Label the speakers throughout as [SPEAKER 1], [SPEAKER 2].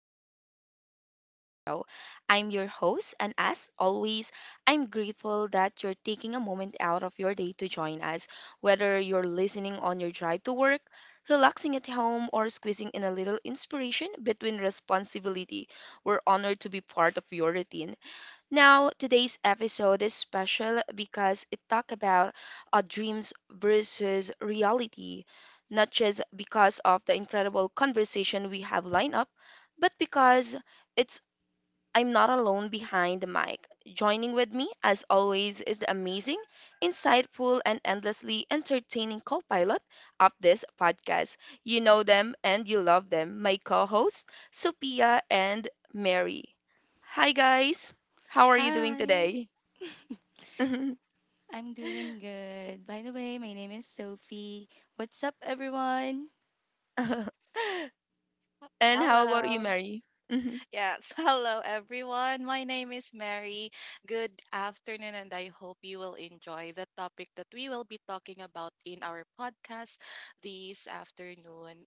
[SPEAKER 1] another episode of the show. I'm your host, and as always, I'm grateful that you're taking a moment out of your day to join us. Whether you're listening on your drive to work, relaxing at home, or squeezing in a little inspiration between responsibility, we're honored to be part of your routine. Now, today's episode is special because it talk about dreams versus reality, not just because of the incredible conversation we have lined up, but because it's I'm not alone behind the mic. Joining with me, as always, is the amazing, insightful, and endlessly entertaining co pilot of this podcast. You know them and you love them, my co hosts, Sophia and Mary. Hi, guys. How are you doing
[SPEAKER 2] Hi.
[SPEAKER 1] today? And
[SPEAKER 2] I'm doing good. By the way, my name is Sophie. What's up, everyone?
[SPEAKER 1] how about you,
[SPEAKER 3] Hello.
[SPEAKER 1] Mary?
[SPEAKER 3] Yes, hello everyone. My name is Mary. Good afternoon, and I hope you will enjoy the topic that we will be talking about in our podcast this afternoon.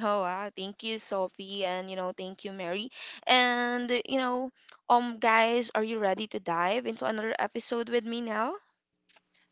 [SPEAKER 1] Oh, wow. Thank you, Sophie, and thank you, Mary. And guys, are you ready to dive into another episode with me now?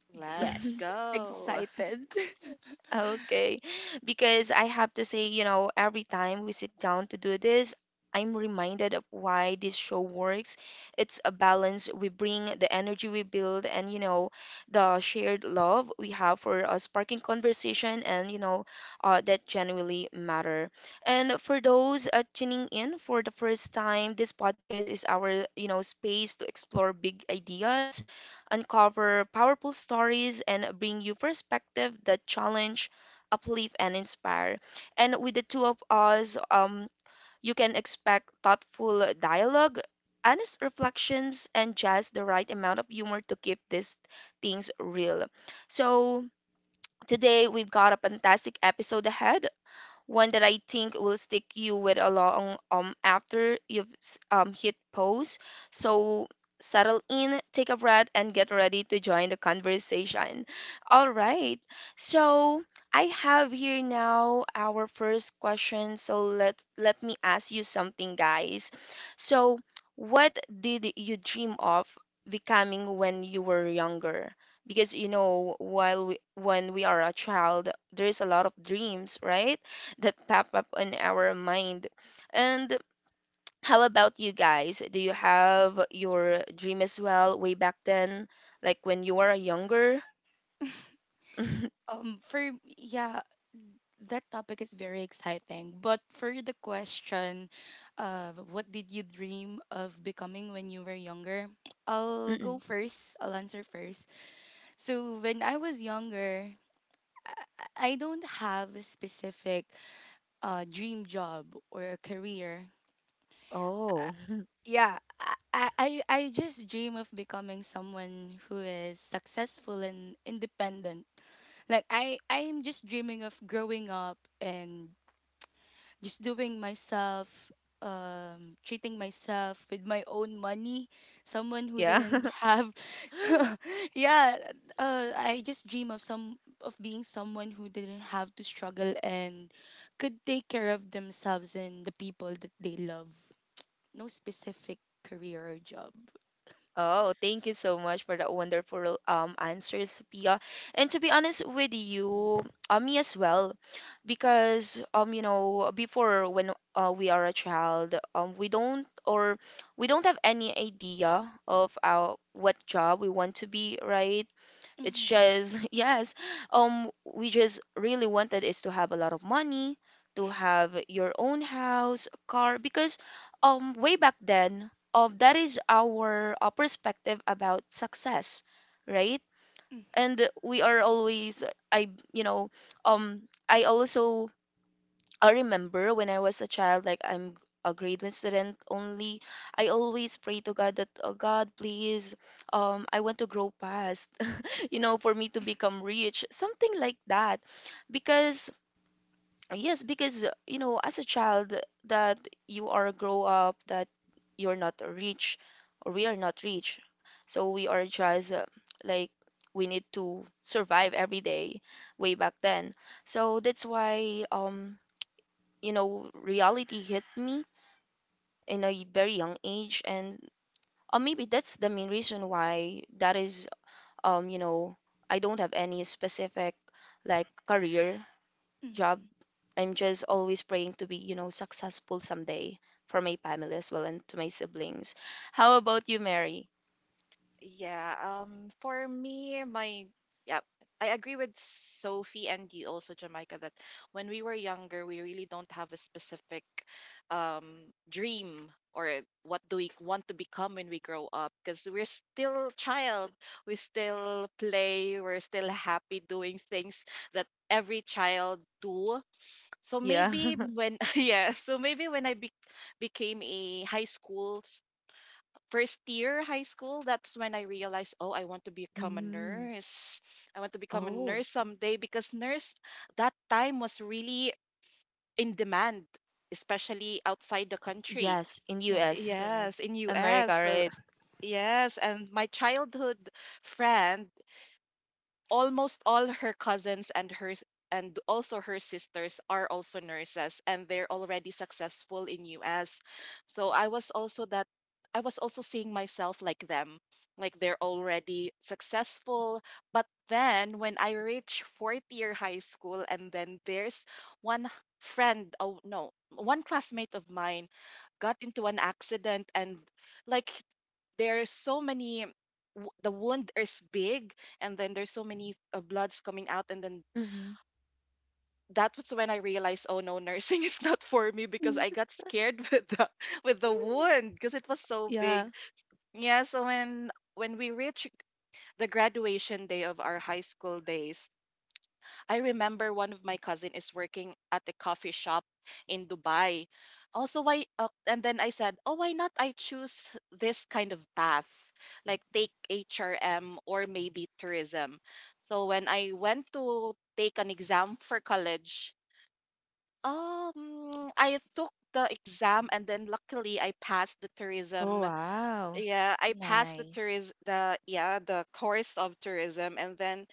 [SPEAKER 3] Let's
[SPEAKER 2] Yes,
[SPEAKER 3] go.
[SPEAKER 2] excited.
[SPEAKER 1] Okay. Because I have to say, every time we sit down to do this, I'm reminded of why this show works. It's a balance. We bring the energy we build and, the shared love we have for a sparking conversation and, that genuinely matter. And for those tuning in for the first time, this podcast is our, space to explore big ideas uncover powerful stories and bring you perspective that challenge uplift, and inspire. And with the two of us, you can expect thoughtful dialogue, honest reflections, and just the right amount of humor to keep these things real. So, today we've got a fantastic episode ahead one that I think will stick you with a long after you've hit pause. So settle in, take a breath, and get ready to join the conversation. All right. So I have here now our first question. So let me ask you something, guys. So what did you dream of becoming when you were younger? Because when we are a child there's a lot of dreams, right, that pop up on our mind. And how about you guys? Do you have your dream as well way back then, like when you were younger?
[SPEAKER 2] For yeah, that topic is very exciting. But for the question of what did you dream of becoming when you were younger? I'll go
[SPEAKER 1] Mm-mm.
[SPEAKER 2] first. I'll answer first. So when I was younger, I don't have a specific dream job or a career.
[SPEAKER 1] Oh,
[SPEAKER 2] Yeah I just dream of becoming someone who is successful and independent, like I am just dreaming of growing up and just doing myself, treating myself with my own money, someone who
[SPEAKER 1] yeah.
[SPEAKER 2] didn't have... yeah I just dream of some of being someone who didn't have to struggle and could take care of themselves and the people that they love. No specific career or job.
[SPEAKER 1] Oh, thank you so much for that wonderful answers, Pia. And to be honest with you, me as well, because you know before when we are a child, we don't have any idea of our what job we want to be, right? It's
[SPEAKER 2] hmm
[SPEAKER 1] just yes, we just really wanted is to have a lot of money, to have your own house, car, because way back then, that is our perspective about success, right? And we are always, I, you know, um, I also I remember when I was a child, like I'm a grade one student only. I always pray to God that, oh God, please, I want to grow past for me to become rich, something like that. Because, yes, because, you know, as a child, that you are grow up, that you're not rich, or we are not rich. So we are just like, we need to survive every day way back then. So that's why, reality hit me in a very young age and maybe that's the main reason why that is um you know I don't have any specific like career
[SPEAKER 2] Mm.
[SPEAKER 1] job. I'm just always praying to be, successful someday for my family as well and to my siblings. How about you, Mary?
[SPEAKER 3] Yeah, for me, yeah, I agree with Sophie and you also, Jamaica, that when we were younger, we really don't have a specific dream or what do we want to become when we grow up because we're still child. We still play, we're still happy doing things that every child do. So
[SPEAKER 1] Yeah.
[SPEAKER 3] maybe when yeah, so maybe when became a high school first year high school, that's when I realized, oh, I want to become a
[SPEAKER 1] Mm-hmm.
[SPEAKER 3] nurse. I want to become a
[SPEAKER 1] Oh.
[SPEAKER 3] nurse someday because nurse that time was really in demand, especially outside the country.
[SPEAKER 1] Yes, in
[SPEAKER 2] Yes,
[SPEAKER 1] US.
[SPEAKER 2] abroad.
[SPEAKER 3] Yes, in
[SPEAKER 1] America,
[SPEAKER 3] US.
[SPEAKER 1] right?
[SPEAKER 3] Yes, and my childhood friend, almost all her cousins and her and also her sisters are also nurses, and they're already successful in US. So I was also seeing myself like them, like they're already successful. But then when I reach fourth year high school, and then there's one h- friend, oh no, one classmate of mine got into an accident, and like there's so many the wound is big, and then there's so many bloods coming out, and then
[SPEAKER 1] Mm-hmm.
[SPEAKER 3] that was when I realized, oh no, nursing is not for me because I got scared with the wound because it was so big.
[SPEAKER 1] Yeah.
[SPEAKER 3] Yeah, so when we reached the graduation day of our high school days, I remember one of my cousin is working at the coffee shop in Dubai. Also, why? And then I said, oh, why not? I choose this kind of path, like take HRM or maybe tourism. So when I went to take an exam for college, I took the exam and then luckily I passed the
[SPEAKER 1] Oh,
[SPEAKER 3] tourism.
[SPEAKER 1] wow.
[SPEAKER 3] Yeah, I passed the
[SPEAKER 2] Nice.
[SPEAKER 3] tourism, the course of tourism, and then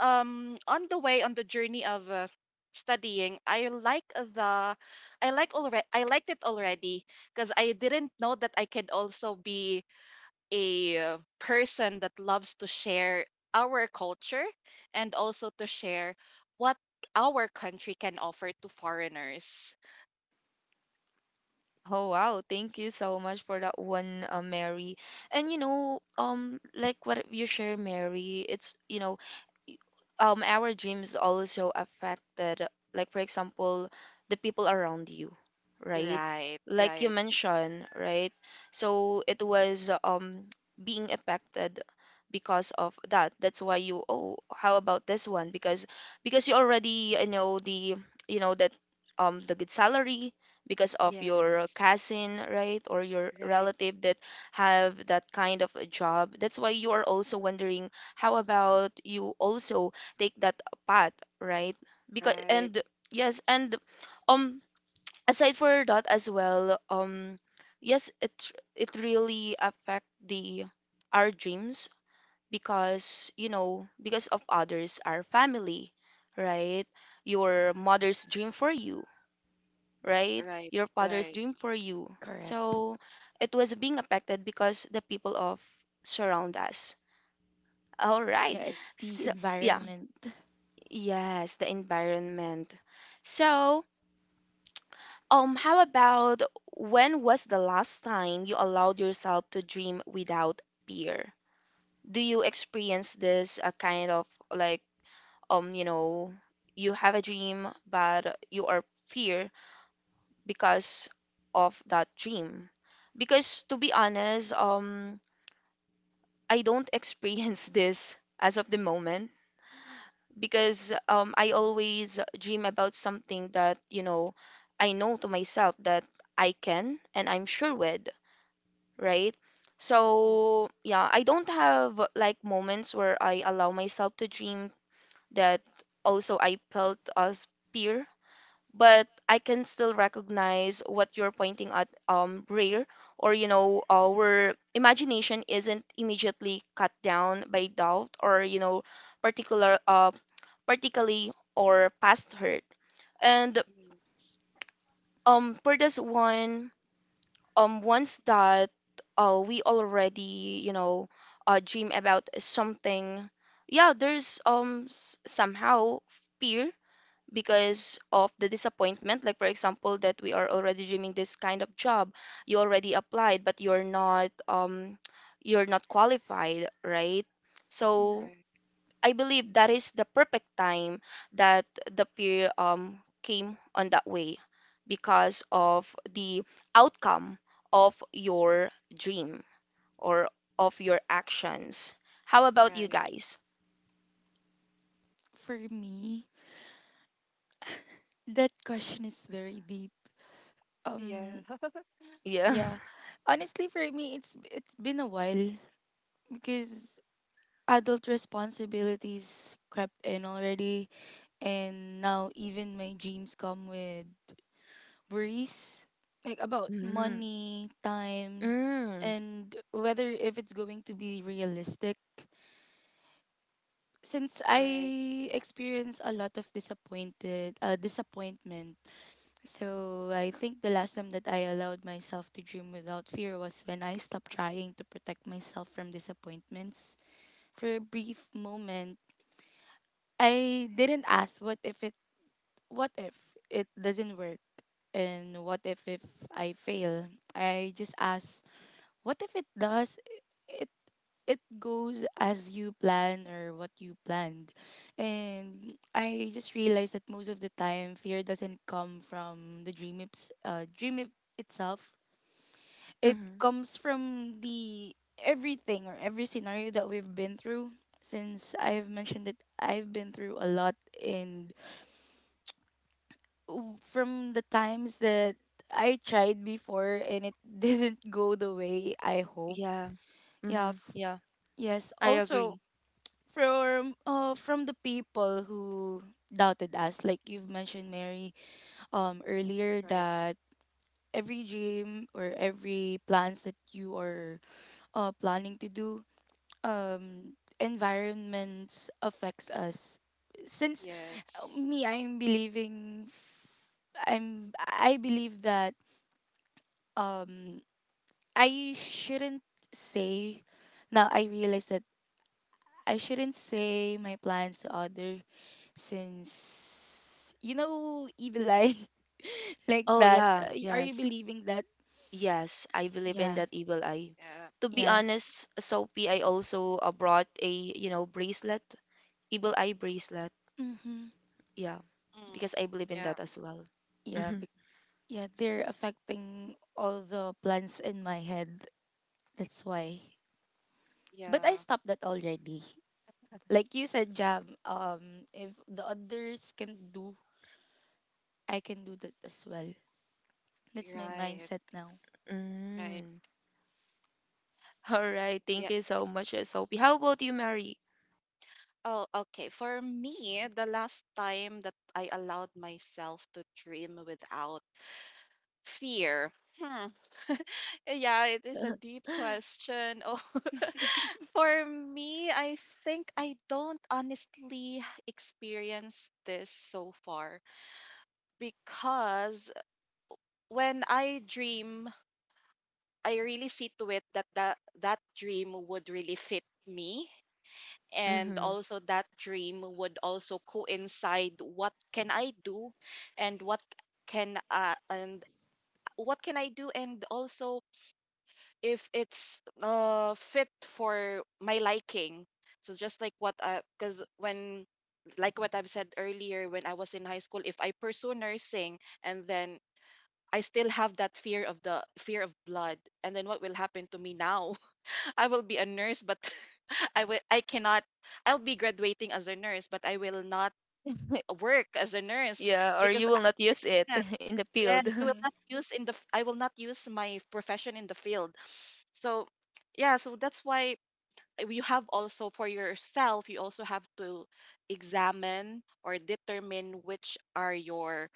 [SPEAKER 3] on the way on the journey of studying, I liked it already because I didn't know that I could also be a person that loves to share our culture and also to share what our country can offer to foreigners.
[SPEAKER 1] Oh wow, thank you so much for that one, Mary. And like what you share, Mary, it's y- our dreams also affected, like for example, the people around you, right,
[SPEAKER 3] Right,
[SPEAKER 1] like you
[SPEAKER 3] right.
[SPEAKER 1] mentioned, right? So it was being affected because of that. That's why you oh how about this one, because you already, you know, you know that the good salary because of your
[SPEAKER 3] Yes.
[SPEAKER 1] cousin, right, or your
[SPEAKER 3] Right,
[SPEAKER 1] relative that have that kind of a job. That's why you are also wondering how about you also take that path, right? Because
[SPEAKER 3] right.
[SPEAKER 1] and yes. And um aside for that as well, yes, it really affect the our dreams because, you know, because of others, our family, right, your mother's dream for you, right,
[SPEAKER 3] Right,
[SPEAKER 1] your father's
[SPEAKER 3] right.
[SPEAKER 1] dream for you.
[SPEAKER 2] Correct.
[SPEAKER 1] So it was being affected because the people of surround us, all
[SPEAKER 2] Yeah,
[SPEAKER 1] right?
[SPEAKER 3] Right.
[SPEAKER 2] it's the
[SPEAKER 1] So yeah.
[SPEAKER 2] environment.
[SPEAKER 1] Yes, the environment. So, how about when was the last time you allowed yourself to dream without fear? Do you experience this a kind of like, um, you know, you have a dream but you are fear because of that dream? Because to be honest, I don't experience this as of the moment because I always dream about something that, you know, I know to myself that I can and I'm sure with, right?
[SPEAKER 2] Mm.
[SPEAKER 3] Mm,
[SPEAKER 1] So, yeah, I don't have like moments where I allow myself to dream that also I felt as peer, but I can still recognize what you're pointing at, rare, or you know, our imagination isn't immediately cut down by doubt or you know, particular uh, particularly or past hurt. And
[SPEAKER 3] yes.
[SPEAKER 1] for this one, once that we already, you know, dream about something, yeah, there's somehow fear because of the disappointment. Like for example that we are already dreaming this kind of job, you already applied but you're not qualified, right? So
[SPEAKER 3] Right,
[SPEAKER 1] I believe that is the perfect time that the peer came on that way because of the outcome of your dream or of your actions. How about you
[SPEAKER 3] right.
[SPEAKER 1] guys?
[SPEAKER 2] For me, that question is very deep.
[SPEAKER 3] Yeah.
[SPEAKER 2] Um,
[SPEAKER 1] Yeah.
[SPEAKER 2] yeah. Honestly, for me, it's been a while because adult responsibilities crept in already, and now even my dreams come with worries, like about
[SPEAKER 1] Mm-hmm.
[SPEAKER 2] money, time,
[SPEAKER 1] Mm.
[SPEAKER 2] and whether if it's going to be realistic. Since I
[SPEAKER 3] Right.
[SPEAKER 2] experience a lot of disappointed disappointment, so I think the last time that I allowed myself to dream without fear was when I stopped trying to protect myself from disappointments. For a brief moment, I didn't ask what if what if it doesn't work, and what if I fail. I just asked, what if it does? It it goes as you plan, or what you planned. And I just realized that most of the time fear doesn't come from the dream it itself. It
[SPEAKER 1] Mm-hmm.
[SPEAKER 2] comes from the everything or every scenario that we've been through. Since I've mentioned that I've been through a lot, and from the times that I tried before and it didn't go the way I hope.
[SPEAKER 1] Yeah.
[SPEAKER 2] Yeah,
[SPEAKER 1] Mm-hmm.
[SPEAKER 2] f-
[SPEAKER 1] Yeah.
[SPEAKER 2] yes.
[SPEAKER 1] I
[SPEAKER 2] Also,
[SPEAKER 1] agree.
[SPEAKER 2] from the people who doubted us, like you've mentioned, Mary, earlier,
[SPEAKER 3] Right.
[SPEAKER 2] that every dream or every plans that you are planning to do, um environment affects us. Since
[SPEAKER 3] Yes.
[SPEAKER 2] me, I believe that, um I shouldn't say... Now I realize that I shouldn't say my plans to other, since, you know, evil eye. Like
[SPEAKER 1] Oh
[SPEAKER 2] that,
[SPEAKER 1] yeah,
[SPEAKER 2] are you
[SPEAKER 1] yes.
[SPEAKER 2] believing that?
[SPEAKER 1] Yes, I believe in
[SPEAKER 2] Yeah.
[SPEAKER 1] that evil eye.
[SPEAKER 3] Yeah.
[SPEAKER 1] To be
[SPEAKER 3] Yeah.
[SPEAKER 2] Yes.
[SPEAKER 1] honest, Sophie, I also brought a, bracelet, evil eye bracelet.
[SPEAKER 2] Mm-hmm.
[SPEAKER 1] Yeah, because
[SPEAKER 3] Mm.
[SPEAKER 1] I believe in
[SPEAKER 3] Yeah.
[SPEAKER 1] that as well.
[SPEAKER 2] yeah
[SPEAKER 1] Mhm.
[SPEAKER 2] bec- yeah, they're affecting all the plans in my head. That's why... but I
[SPEAKER 3] Yeah.
[SPEAKER 2] stopped that already. Like you said, Jam, if the others can do, I can do that as well. That's my
[SPEAKER 3] Right.
[SPEAKER 2] mindset now.
[SPEAKER 3] Right.
[SPEAKER 1] Mm. All right.
[SPEAKER 3] Yeah.
[SPEAKER 1] Thank you so much, Sophie. How about you, Mary?
[SPEAKER 3] Oh, okay. For me, the last time that I allowed myself to dream without fear. Hmm. Yeah, it is a deep question. Oh, for me, I think I don't honestly experience this so far because when I dream, I really see to it that that dream would really fit me, and
[SPEAKER 1] Hmm.
[SPEAKER 3] also that dream would also coincide what can I do, and can uh, and what can I do, and also if it's fit for my liking. So just like what because when like what I've said earlier, when I was in high school, if I pursue nursing, and then I still have that fear of the fear of blood, and then what will happen to me now? I will be a nurse, but I will I cannot I'll be graduating as a nurse, but I will not work as a nurse
[SPEAKER 1] Yeah, or
[SPEAKER 3] because
[SPEAKER 1] you
[SPEAKER 3] I-
[SPEAKER 1] will not
[SPEAKER 3] you
[SPEAKER 1] use it
[SPEAKER 3] cannot-
[SPEAKER 1] in the field.
[SPEAKER 3] yes, you will
[SPEAKER 2] Mm-hmm.
[SPEAKER 3] not use in the I will not use my profession in the field. So yeah, so that's why you have also for yourself, you also have to examine or determine which are your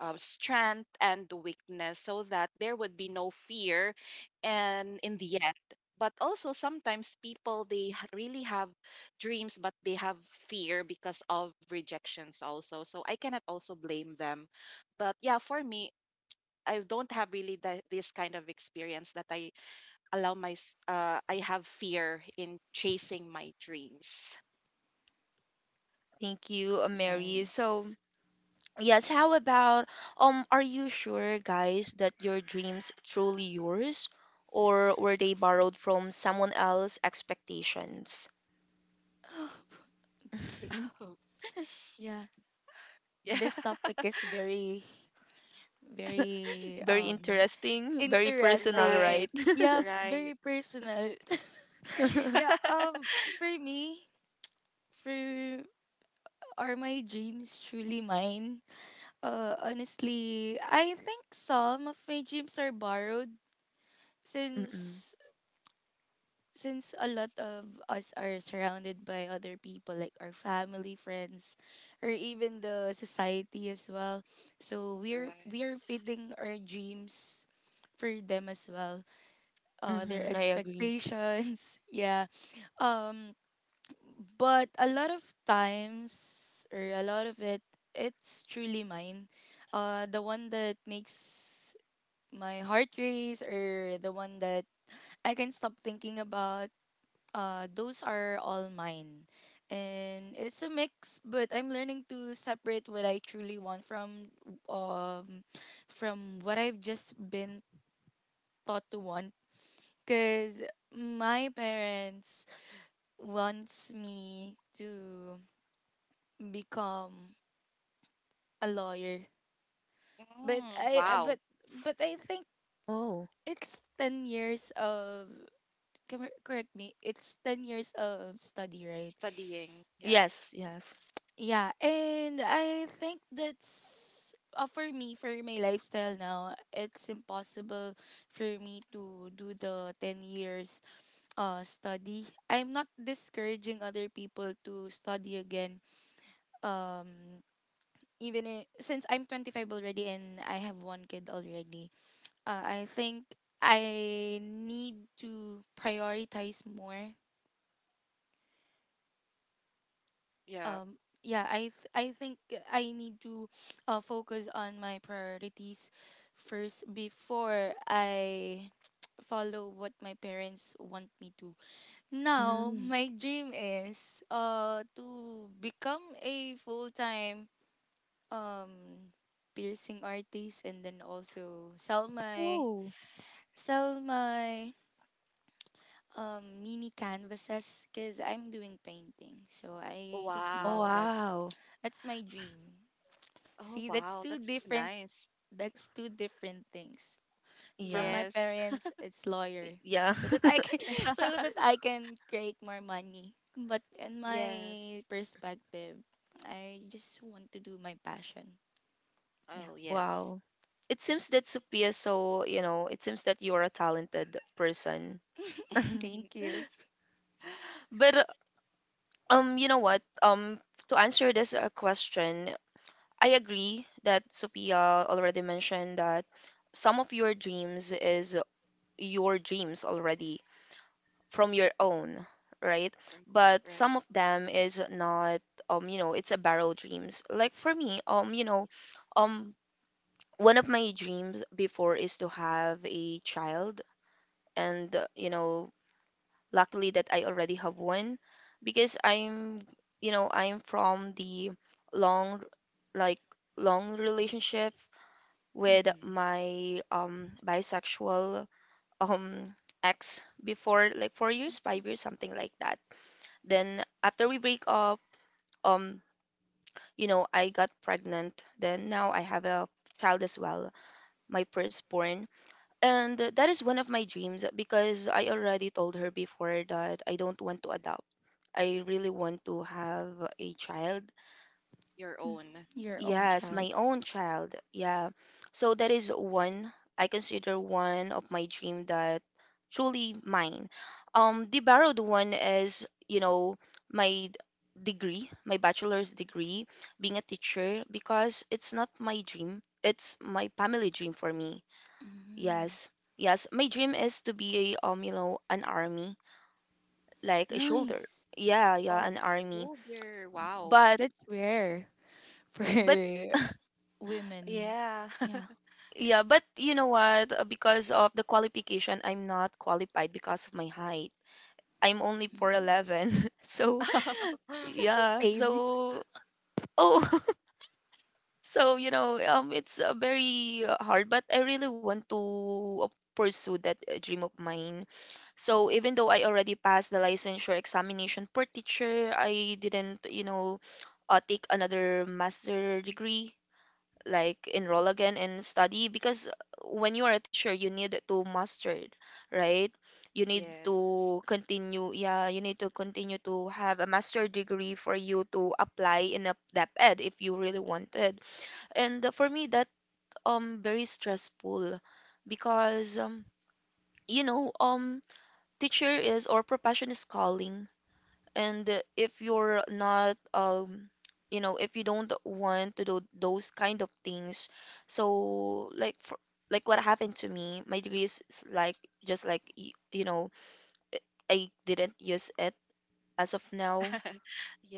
[SPEAKER 3] strength and the weakness so that there would be no fear and in the end. But also sometimes people really have dreams, but they have fear because of rejections also, so I cannot also blame them. But yeah, for me, I don't have really this kind of experience that I I have fear in chasing my dreams.
[SPEAKER 1] Thank you, Mary. So,
[SPEAKER 2] Nice.
[SPEAKER 1] yes, how about are you sure guys that your dreams truly yours or were they borrowed from someone else's expectations?
[SPEAKER 2] Okay. Yeah,
[SPEAKER 3] Yeah.
[SPEAKER 2] this topic is very, very,
[SPEAKER 1] Very interesting, very personal,
[SPEAKER 2] interesting.
[SPEAKER 3] Right,
[SPEAKER 1] right?
[SPEAKER 2] Yeah,
[SPEAKER 3] right.
[SPEAKER 2] very personal.
[SPEAKER 3] Right.
[SPEAKER 2] yeah, um for me, for are my dreams truly mine? Honestly, I think some of my dreams are borrowed,
[SPEAKER 1] Mm-mm.
[SPEAKER 2] since a lot of us are surrounded by other people, like our family, friends, or even the society as well. So we are fitting our dreams for them as well. Their
[SPEAKER 1] Mm-hmm. I agree.
[SPEAKER 2] expectations. Yeah. Um, but a lot of times, or a lot of it, it's truly mine. The one that makes my heart race, or the one that I can stop thinking about, those are all mine. And it's a mix, but I'm learning to separate what I truly want um from what I've just been taught to want, because my parents wants me to become a lawyer. But
[SPEAKER 3] Mm,
[SPEAKER 2] I uh,
[SPEAKER 3] wow.
[SPEAKER 2] but but I think
[SPEAKER 1] Oh.
[SPEAKER 2] it's 10 years of correct me, it's 10 years of study, right?
[SPEAKER 3] Studying. Yep.
[SPEAKER 1] Yes, yes.
[SPEAKER 2] Yeah, and I think that's for me, for my lifestyle now, it's impossible for me to do the 10 years study. I'm not discouraging other people to study again. Um even I Since I'm 25 already and I have one kid already, I think I need to prioritize more.
[SPEAKER 3] Yep.
[SPEAKER 2] I think I need to focus on my priorities first before I follow what my parents want me to. Now,
[SPEAKER 1] Mm.
[SPEAKER 2] my dream is to become a full-time um piercing artist, and then also
[SPEAKER 1] Ooh.
[SPEAKER 2] sell my mini canvases, because I'm doing painting. So I just
[SPEAKER 1] Oh,
[SPEAKER 2] love
[SPEAKER 3] Wow.
[SPEAKER 2] that.
[SPEAKER 1] wow.
[SPEAKER 2] That's my dream.
[SPEAKER 3] Oh,
[SPEAKER 2] See,
[SPEAKER 3] wow. That's so nice.
[SPEAKER 2] that's two different things. From
[SPEAKER 1] Yeah.
[SPEAKER 2] my
[SPEAKER 3] Yes.
[SPEAKER 2] parents, it's
[SPEAKER 1] Y-
[SPEAKER 2] lawyer.
[SPEAKER 1] Yeah.
[SPEAKER 2] So that I can so that I can create more money. But in my
[SPEAKER 3] Yes.
[SPEAKER 2] perspective, I just want to do my passion. Yeah.
[SPEAKER 3] Oh, yes.
[SPEAKER 1] Wow. It seems that Sophia, so, you know, it seems that you're a talented person.
[SPEAKER 2] Thank you.
[SPEAKER 1] But you know what? To answer this question, I agree that Sophia already mentioned that some of your dreams is your dreams already, from your own, right?
[SPEAKER 3] Right,
[SPEAKER 1] But
[SPEAKER 3] right.
[SPEAKER 1] some of them is not. You know, it's a borrowed dreams. Like for me, um one of my dreams before is to have a child and, you know, luckily that I already have one because I'm, I'm from the long like long relationship with
[SPEAKER 2] Mm-hmm.
[SPEAKER 1] my bisexual um ex before like 4 years, 5 years, something like that. Then after we break up, um, you know, I got pregnant. Then now I have a child as well, my firstborn. And that is one of my dreams because I already told her before that I don't want to adopt. I really want to have a child.
[SPEAKER 3] Your own.
[SPEAKER 2] Your own
[SPEAKER 1] Yes,
[SPEAKER 2] child.
[SPEAKER 1] my own child. Yeah. So that is one I consider one of my dream that truly mine. The borrowed one is, you know, my d- degree, my bachelor's degree, being a teacher because it's not my dream. It's my family dream for me.
[SPEAKER 2] Mm,
[SPEAKER 1] Yes. Yes, my dream is to be a you know, an army, like a shoulder.
[SPEAKER 2] nice.
[SPEAKER 1] Yeah, yeah,
[SPEAKER 3] Oh,
[SPEAKER 1] an army.
[SPEAKER 3] oh dear. Wow.
[SPEAKER 1] But
[SPEAKER 2] That's rare for
[SPEAKER 1] but
[SPEAKER 2] women.
[SPEAKER 3] Yeah.
[SPEAKER 2] Yeah.
[SPEAKER 1] yeah, but you know what? Because of the qualification, I'm not qualified because of my height. I'm only
[SPEAKER 2] Mm.
[SPEAKER 3] Mm.
[SPEAKER 1] 4'11. So, yeah,
[SPEAKER 2] Same.
[SPEAKER 1] so oh, so you know, it's very hard, but I really want to uh, pursue that dream of mine. So, even though I already passed the licensure examination per teacher, I didn't, take another master degree like enroll again and study because when you are a teacher you need to master it, right? You need
[SPEAKER 3] Yes.
[SPEAKER 1] to continue, yeah, you need to continue to have a master degree for you to apply in a dep ed if you really wanted. And for me that very stressful, because you know um teacher is or profession is calling. And if you're not, if you don't want to do those kind of things, so like for, like what happened to me, my degree is like just like I didn't use it as of now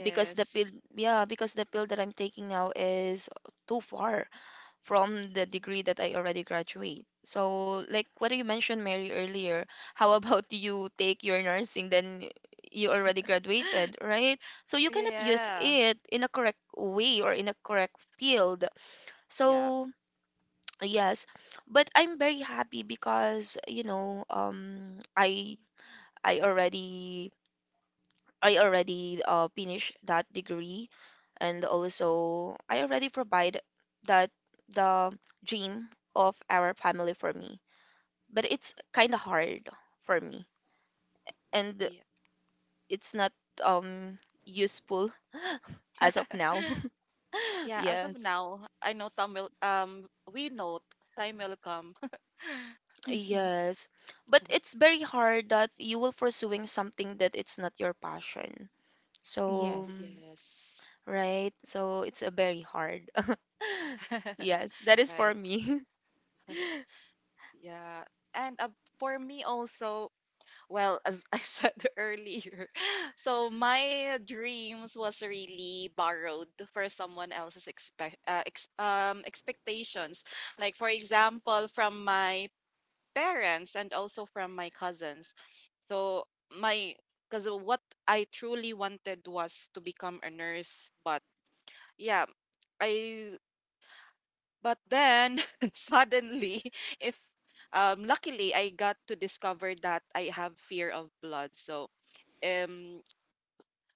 [SPEAKER 1] because the pill, yeah, because the pill that I'm taking now is too far from the degree that I already graduate. So, like what you mentioned, Mary, earlier, how about you take your nursing, then you already graduated, right? So, you cannot use
[SPEAKER 3] Yeah.
[SPEAKER 1] it in a correct way or in a correct field.
[SPEAKER 3] Yeah.
[SPEAKER 1] So, yes, but I'm very happy because, I already I already finished that degree, and also I already provide that the dream of our family for me. But it's kind of hard for me, and
[SPEAKER 3] Yeah.
[SPEAKER 1] it's not um useful as of now.
[SPEAKER 3] Yeah, as of
[SPEAKER 1] Yes.
[SPEAKER 3] now, I know we know time will come.
[SPEAKER 2] Mm-hmm.
[SPEAKER 1] Yes. But it's very hard that you will pursuing something that it's not your passion. So,
[SPEAKER 2] Yes.
[SPEAKER 3] Yes.
[SPEAKER 1] right? So it's a very hard. Yes, that is for
[SPEAKER 3] Right.
[SPEAKER 1] me.
[SPEAKER 3] Yeah. And for me also, well, as I said earlier, so my dreams was really borrowed for someone else's expectations. Like for example, from my parents and also from my cousins. So my because what I truly wanted was to become a nurse, but yeah, I but then suddenly if luckily I got to discover that I have fear of blood. So um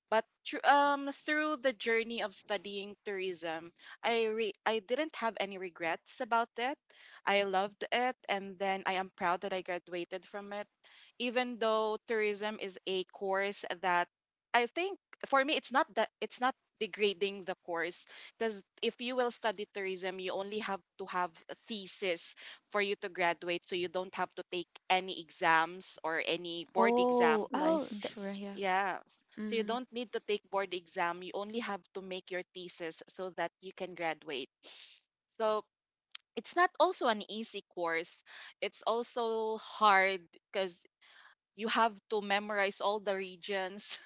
[SPEAKER 3] but through, through the journey of studying tourism, I didn't have any regrets about it. I loved it, and then I am proud that I graduated from it. Even though tourism is a course that I think for me it's not that it's not degrading the course, because if you will study tourism, you only have to have a thesis for you to graduate, so you don't have to take any exams or any board
[SPEAKER 1] Oh, oh,
[SPEAKER 3] exams.
[SPEAKER 1] the
[SPEAKER 2] Licensure, yeah.
[SPEAKER 3] Yeah. So you
[SPEAKER 1] mm,
[SPEAKER 3] don't need to take board exam. You only have to make your thesis so that you can graduate. So it's not also an easy course. It's also hard because you have to memorize all the regions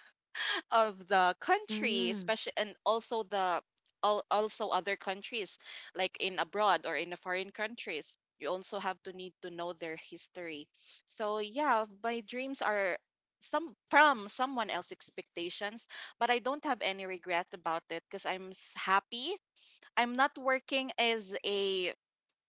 [SPEAKER 3] of the country,
[SPEAKER 1] mm,
[SPEAKER 3] especially, and also the also other countries like in abroad or in the foreign countries. You also have to need to know their history. So yeah, my dreams are some from someone else's expectations, but I don't have any regret about it because happy. I'm not working as a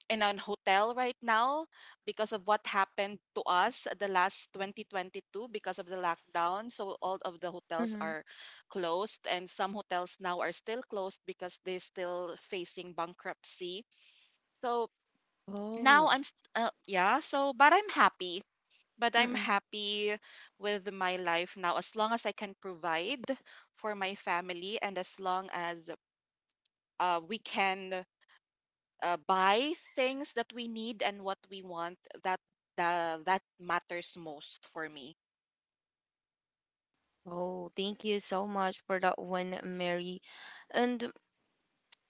[SPEAKER 3] in an hotel right now because of what happened to us the last 2022 because of the lockdown. So all of the hotels
[SPEAKER 1] mhm.
[SPEAKER 3] are closed, and some hotels now are still closed because they're still facing bankruptcy. So
[SPEAKER 1] Oh,
[SPEAKER 3] yeah, so but I'm happy. But I'm
[SPEAKER 1] mm-mm.
[SPEAKER 3] happy with my life now, as long as I can provide for my family, and as long as we can buy things that we need and what we want. That the that matters most for me.
[SPEAKER 1] Oh, thank you so much for that one, Mary. And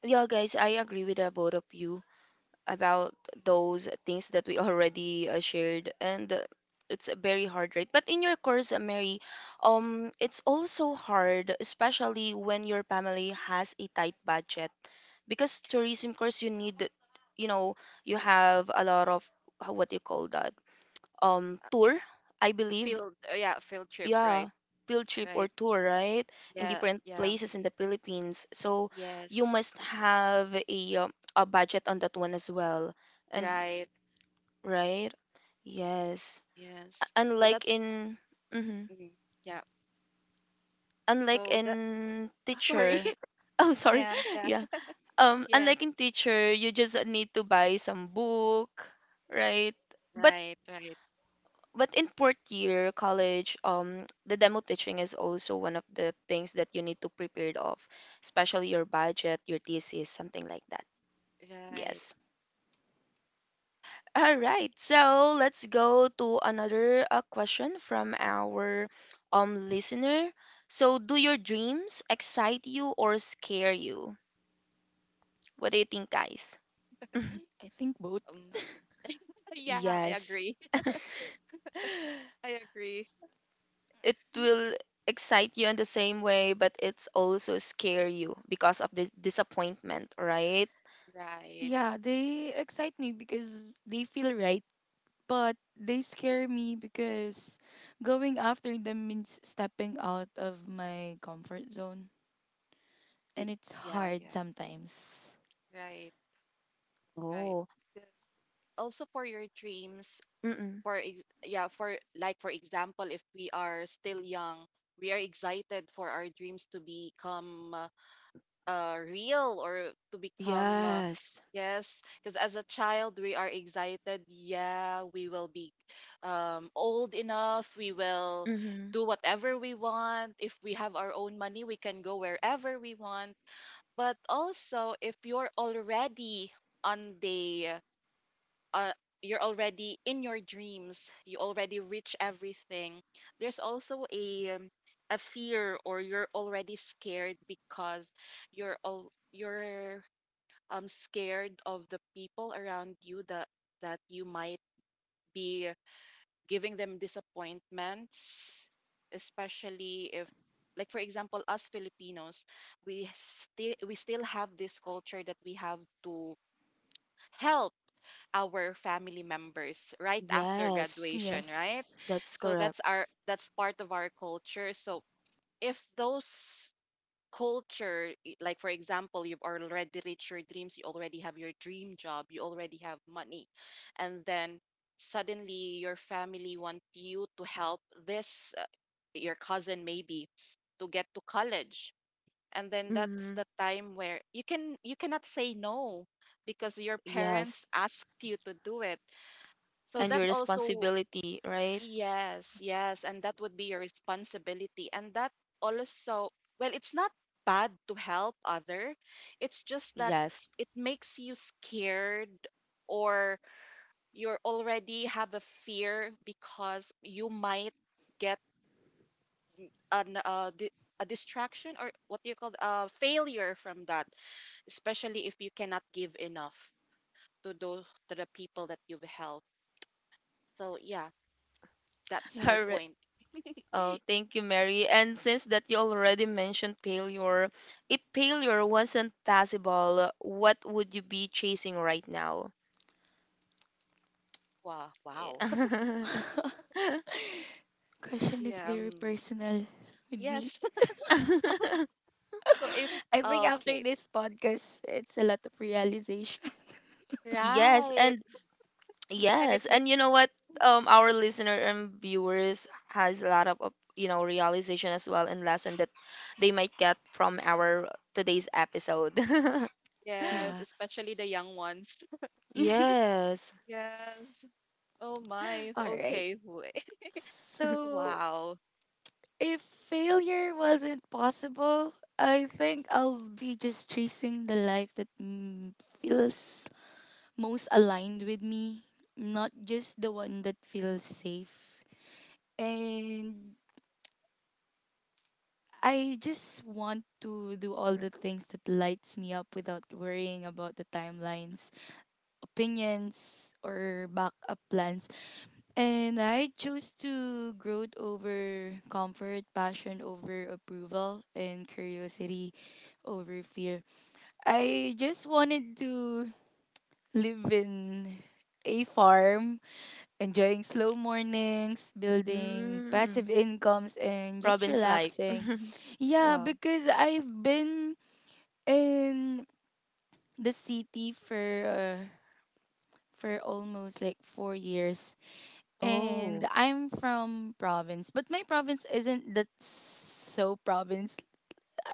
[SPEAKER 1] yeah, guys, I agree with the both of you about those things that we already shared. And it's very hard, right? But in your course, Mary, it's also hard, especially when your family has a tight budget, because tourism course you need, you know, you have a lot of what you call that,
[SPEAKER 3] Uh, tr-
[SPEAKER 1] tour, I believe.
[SPEAKER 3] field yeah, field trip,
[SPEAKER 1] Yeah,
[SPEAKER 3] right?
[SPEAKER 1] field trip or
[SPEAKER 3] Right.
[SPEAKER 1] tour, right? In
[SPEAKER 3] Yeah,
[SPEAKER 1] different
[SPEAKER 3] yeah.
[SPEAKER 1] places in the Philippines, so you
[SPEAKER 3] Yes.
[SPEAKER 1] must have a budget on that one as well. And
[SPEAKER 3] Right.
[SPEAKER 1] right? Yes.
[SPEAKER 3] Yes. so
[SPEAKER 1] Unlike
[SPEAKER 3] that's
[SPEAKER 1] in mhm.
[SPEAKER 3] mm, yeah.
[SPEAKER 1] Unlike
[SPEAKER 3] So that.
[SPEAKER 1] in
[SPEAKER 3] Sorry.
[SPEAKER 1] teacher. Oh, sorry.
[SPEAKER 3] Yeah, yeah.
[SPEAKER 1] Yeah. Unlike
[SPEAKER 3] Yes.
[SPEAKER 1] in teacher, you just need to buy some book, right? But
[SPEAKER 3] Right, right.
[SPEAKER 1] but in fourth year college, the demo teaching is also one of the things that you need to prepare of, especially your budget, your thesis, something like that.
[SPEAKER 3] Right.
[SPEAKER 1] Yes. All right, so let's go to another question from our listener. So, do your dreams excite you or scare you? What do you think, guys?
[SPEAKER 2] I think both.
[SPEAKER 3] um yeah, I
[SPEAKER 1] Yes,
[SPEAKER 3] agree. I agree.
[SPEAKER 1] it
[SPEAKER 2] Y-
[SPEAKER 1] will excite you in the same way, but it's also scare you because of this disappointment, right?
[SPEAKER 3] Right.
[SPEAKER 2] Yeah, they excite me because they feel right, but they scare me because going after them means stepping out of my comfort zone.
[SPEAKER 3] Big.
[SPEAKER 2] And it's
[SPEAKER 3] Yeah,
[SPEAKER 2] hard
[SPEAKER 3] yeah.
[SPEAKER 2] sometimes.
[SPEAKER 3] Right. Right.
[SPEAKER 1] Oh,
[SPEAKER 3] 'Cause also for your dreams,
[SPEAKER 1] mm-mm.
[SPEAKER 3] for ex- yeah for like for example, if we are still young, we are excited for our dreams to become real, or to become
[SPEAKER 1] Yes.
[SPEAKER 3] yes, because as a child we are excited. Yeah, we will be old enough, we will
[SPEAKER 1] Mm-hmm.
[SPEAKER 3] do whatever we want. If we have our own money, we can go wherever we want. But also if you're already on the uh, you're already in your dreams, you already reach everything, there's also a fear, or you're already scared because you're scared of the people around you, that that you might be giving them disappointments, especially if, like for example, us Filipinos, we still have this culture that we have to help our family members right after
[SPEAKER 1] Yes,
[SPEAKER 3] graduation, right?
[SPEAKER 2] Yes.
[SPEAKER 1] that's
[SPEAKER 3] So
[SPEAKER 1] correct.
[SPEAKER 3] that's our that's part of our culture. So if those like for example, you've already reached your dreams, you already have your dream job, you already have money, and then suddenly your family want you to help this your cousin maybe to get to college, and then that's
[SPEAKER 1] Mm-hmm.
[SPEAKER 3] the time where you cannot say no because your parents
[SPEAKER 1] Yes,
[SPEAKER 3] asked you to do it. So
[SPEAKER 1] and your
[SPEAKER 3] that also,
[SPEAKER 1] responsibility, right?
[SPEAKER 3] yes, yes, and that would be your responsibility. And that also, well, it's not bad to help other. It's just that
[SPEAKER 1] Yes.
[SPEAKER 3] it makes you scared, or you already have a fear because you might get an uh, di- a distraction, or what do you call, a failure from that, especially if you cannot give enough to those to the people that you've helped. So yeah, that's my
[SPEAKER 2] Yeah.
[SPEAKER 1] All right.
[SPEAKER 3] point.
[SPEAKER 1] Oh, thank you, Mary. And since that you already mentioned failure, if failure wasn't possible, what would you be chasing right now?
[SPEAKER 3] Wow, wow.
[SPEAKER 2] Question is
[SPEAKER 3] Yeah,
[SPEAKER 2] very
[SPEAKER 3] um,
[SPEAKER 2] personal with me.
[SPEAKER 3] yes. So if
[SPEAKER 2] I think after
[SPEAKER 3] okay,
[SPEAKER 2] this podcast, it's a lot of realization.
[SPEAKER 1] Yes,
[SPEAKER 3] right.
[SPEAKER 1] and
[SPEAKER 3] And it
[SPEAKER 1] yes, and
[SPEAKER 3] makes
[SPEAKER 1] you know what? Our listener and viewers has a lot of, you know, realization as well and lesson that they might get from our today's episode.
[SPEAKER 3] yes,
[SPEAKER 2] Yeah.
[SPEAKER 3] especially the young ones.
[SPEAKER 1] Yes.
[SPEAKER 3] Yes. Oh my.
[SPEAKER 2] All right.
[SPEAKER 3] Okay. Wait.
[SPEAKER 2] So,
[SPEAKER 3] Wow.
[SPEAKER 2] if failure wasn't possible, I think I'll be just chasing the life that feels most aligned with me, not just the one that feels safe. And I just want to do all the things that lights me up without worrying about the timelines, opinions, or backup plans. And I chose to growth over comfort, passion over approval, and curiosity over fear. I just wanted to live in a farm, enjoying slow mornings, building
[SPEAKER 1] Mm,
[SPEAKER 2] passive incomes, and just
[SPEAKER 1] province life.
[SPEAKER 2] relaxing. Yeah,
[SPEAKER 1] Wow.
[SPEAKER 2] because I've been in the city for almost like 4 years,
[SPEAKER 3] Right.
[SPEAKER 1] Oh.
[SPEAKER 2] and I'm from province, but my province isn't that so province.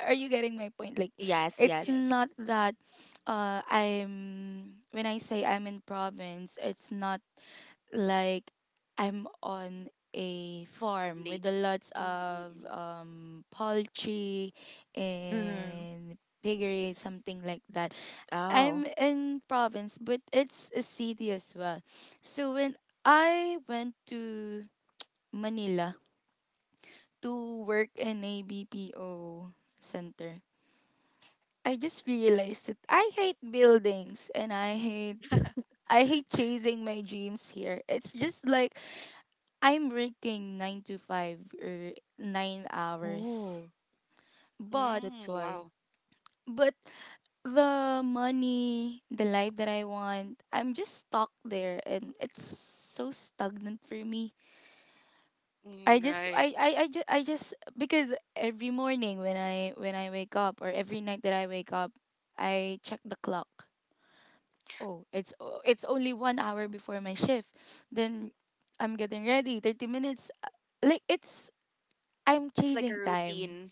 [SPEAKER 2] Are you getting my point? Like,
[SPEAKER 1] Yes,
[SPEAKER 2] it's
[SPEAKER 1] yes.
[SPEAKER 3] Yes.
[SPEAKER 2] not that I'm, when I say I'm in province, it's not like I'm on a farm
[SPEAKER 3] Late.
[SPEAKER 2] with a lots of
[SPEAKER 3] Mm-mm-mm.
[SPEAKER 2] poultry
[SPEAKER 1] Mm-hmm.
[SPEAKER 2] and piggery, something like that.
[SPEAKER 1] Oh.
[SPEAKER 2] I'm in province, but it's a city as well. So when I went to Manila to work in a BPO center, I just realized that I hate buildings, and I hate chasing my dreams here. It's just like I'm working 9 to 5, or 9 hours.
[SPEAKER 1] Oh,
[SPEAKER 3] Mm,
[SPEAKER 2] But
[SPEAKER 1] that's
[SPEAKER 3] mm. Mm,
[SPEAKER 1] why.
[SPEAKER 3] wow.
[SPEAKER 2] but the money, the life that I want, I'm just stuck there, and it's so stagnant for me.
[SPEAKER 3] Mm, right.
[SPEAKER 2] I just Because every morning when I wake up, or every night that I wake up, I check the clock. Oh, it's only 1 hour before my shift. Then I'm getting ready. 30 minutes, like it's I'm
[SPEAKER 3] It's like a
[SPEAKER 2] chasing time.
[SPEAKER 3] routine.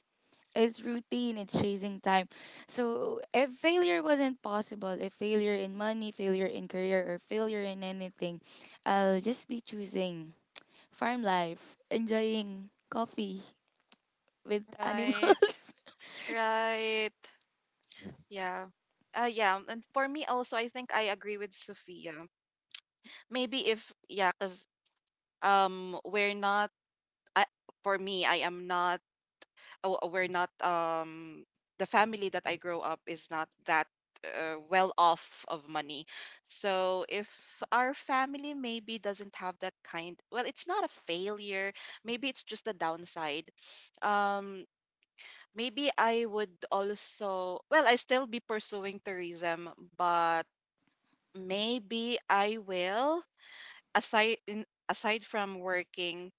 [SPEAKER 2] It's routine. It's chasing time. So if failure wasn't possible, if failure in money, failure in career, or failure in anything, I'll just be choosing farm life, enjoying coffee with
[SPEAKER 3] Right.
[SPEAKER 2] animals.
[SPEAKER 3] Right. Yeah. Yeah. And for me also, I think I agree with Sophia. Maybe if, yeah, because we're not I, for me, I am not. Oh, we're not. The family that I grow up is not that well off of money. So if our family maybe doesn't have that kind, well, it's not a failure. Maybe it's just a downside. Um, maybe I would also. Well, I still be pursuing tourism, but maybe I will aside from working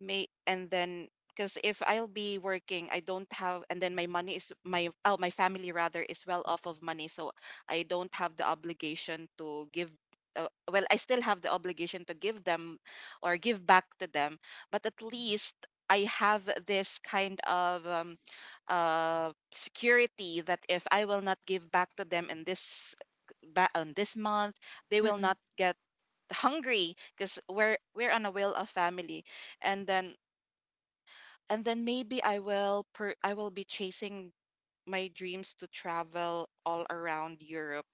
[SPEAKER 3] may and then because if I'll be working, I don't have, and then my money is my family rather is well off of money, so I don't have the obligation to give. Well, I still have the obligation to give them or give back to them, but at least I have this kind of security that if I will not give back to them in this on this month, they will
[SPEAKER 1] Mm-mm.
[SPEAKER 3] not get hungry because we're on a will of family, and then and then maybe I will per I will be chasing my dreams to travel all around Europe.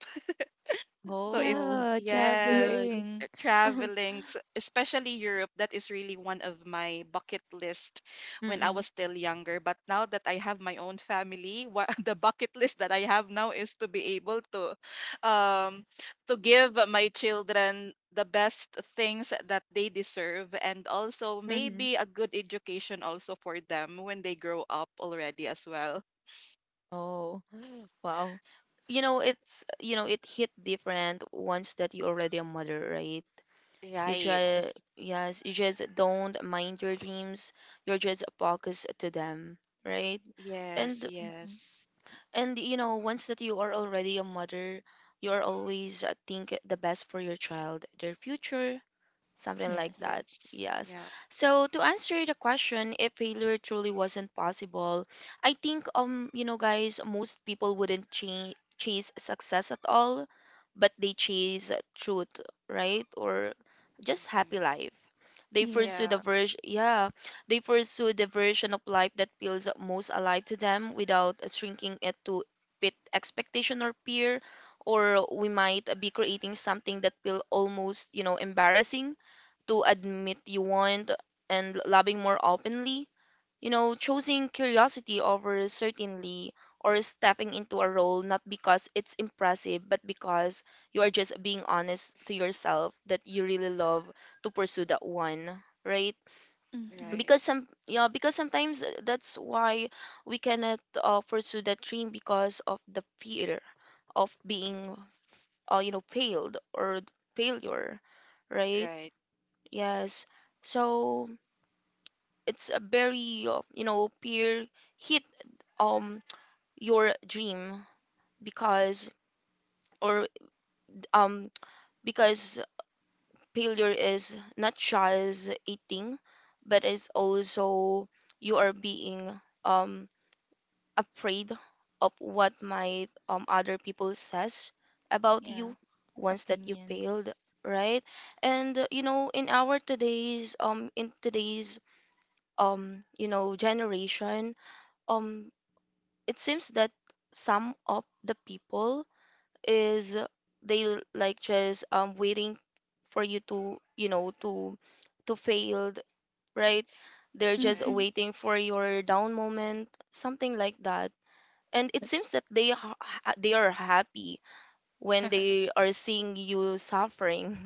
[SPEAKER 3] So if
[SPEAKER 1] Oh,
[SPEAKER 3] th-
[SPEAKER 2] Yeah,
[SPEAKER 1] that's
[SPEAKER 3] yes,
[SPEAKER 1] good.
[SPEAKER 2] traveling.
[SPEAKER 1] Mm-mm.
[SPEAKER 3] traveling, especially Europe, that is really one of my bucket list when I was still younger. But now that I have my own family, what the bucket list that I have now is to be able um to give my children the best things that they deserve and also
[SPEAKER 1] Mm-hmm.
[SPEAKER 3] maybe a good education also for them when they grow up already as well.
[SPEAKER 1] Oh, wow. You know, it's, you know, it hit different once that you already a mother, right? You
[SPEAKER 3] Right.
[SPEAKER 1] try, yes, you just don't mind your dreams. You're just focused to them, right?
[SPEAKER 3] Yes,
[SPEAKER 1] And
[SPEAKER 2] hmm
[SPEAKER 3] yes.
[SPEAKER 1] and you know once that you are already a mother you are always think the best for your child their future, something like
[SPEAKER 2] Yes.
[SPEAKER 1] that.
[SPEAKER 3] Yes.
[SPEAKER 1] Yes. So to answer the question, if failure truly wasn't possible, I think you know guys, most people wouldn't chase success at all, but they chase truth, right? Or just happy
[SPEAKER 3] Yeah.
[SPEAKER 1] life. They pursue
[SPEAKER 2] Yes.
[SPEAKER 1] the
[SPEAKER 3] Yeah,
[SPEAKER 1] version, yeah, they pursue the version of life that feels most alive to them without shrinking it to fit expectation or peer, or we might be creating something that feel almost, you know, embarrassing to admit you want, and loving more openly. You know, choosing curiosity over certainty, or stepping into a role not because it's impressive, but because you are just being honest to yourself that you really love to pursue that one, right?
[SPEAKER 2] Mm-hmm.
[SPEAKER 3] right,
[SPEAKER 1] Because some, yeah, because sometimes that's why we cannot pursue that dream because of the fear of being you know failed or failure, right?
[SPEAKER 3] right,
[SPEAKER 1] Yes. So it's a very you know peer hit um your dream because or um because failure is not just eating, but it's also you are being um afraid of what might other people says about
[SPEAKER 2] Yeah,
[SPEAKER 1] you once that you failed,
[SPEAKER 2] opinions.
[SPEAKER 1] right? And you know in our today's in today's you know generation um it seems that some of the people is they like just waiting for you to, you know, to failed, right? They're just
[SPEAKER 3] right.
[SPEAKER 2] Mm-hmm.
[SPEAKER 1] waiting for your down moment, something like that. And it
[SPEAKER 2] But
[SPEAKER 1] seems that they they are happy when they are seeing you suffering.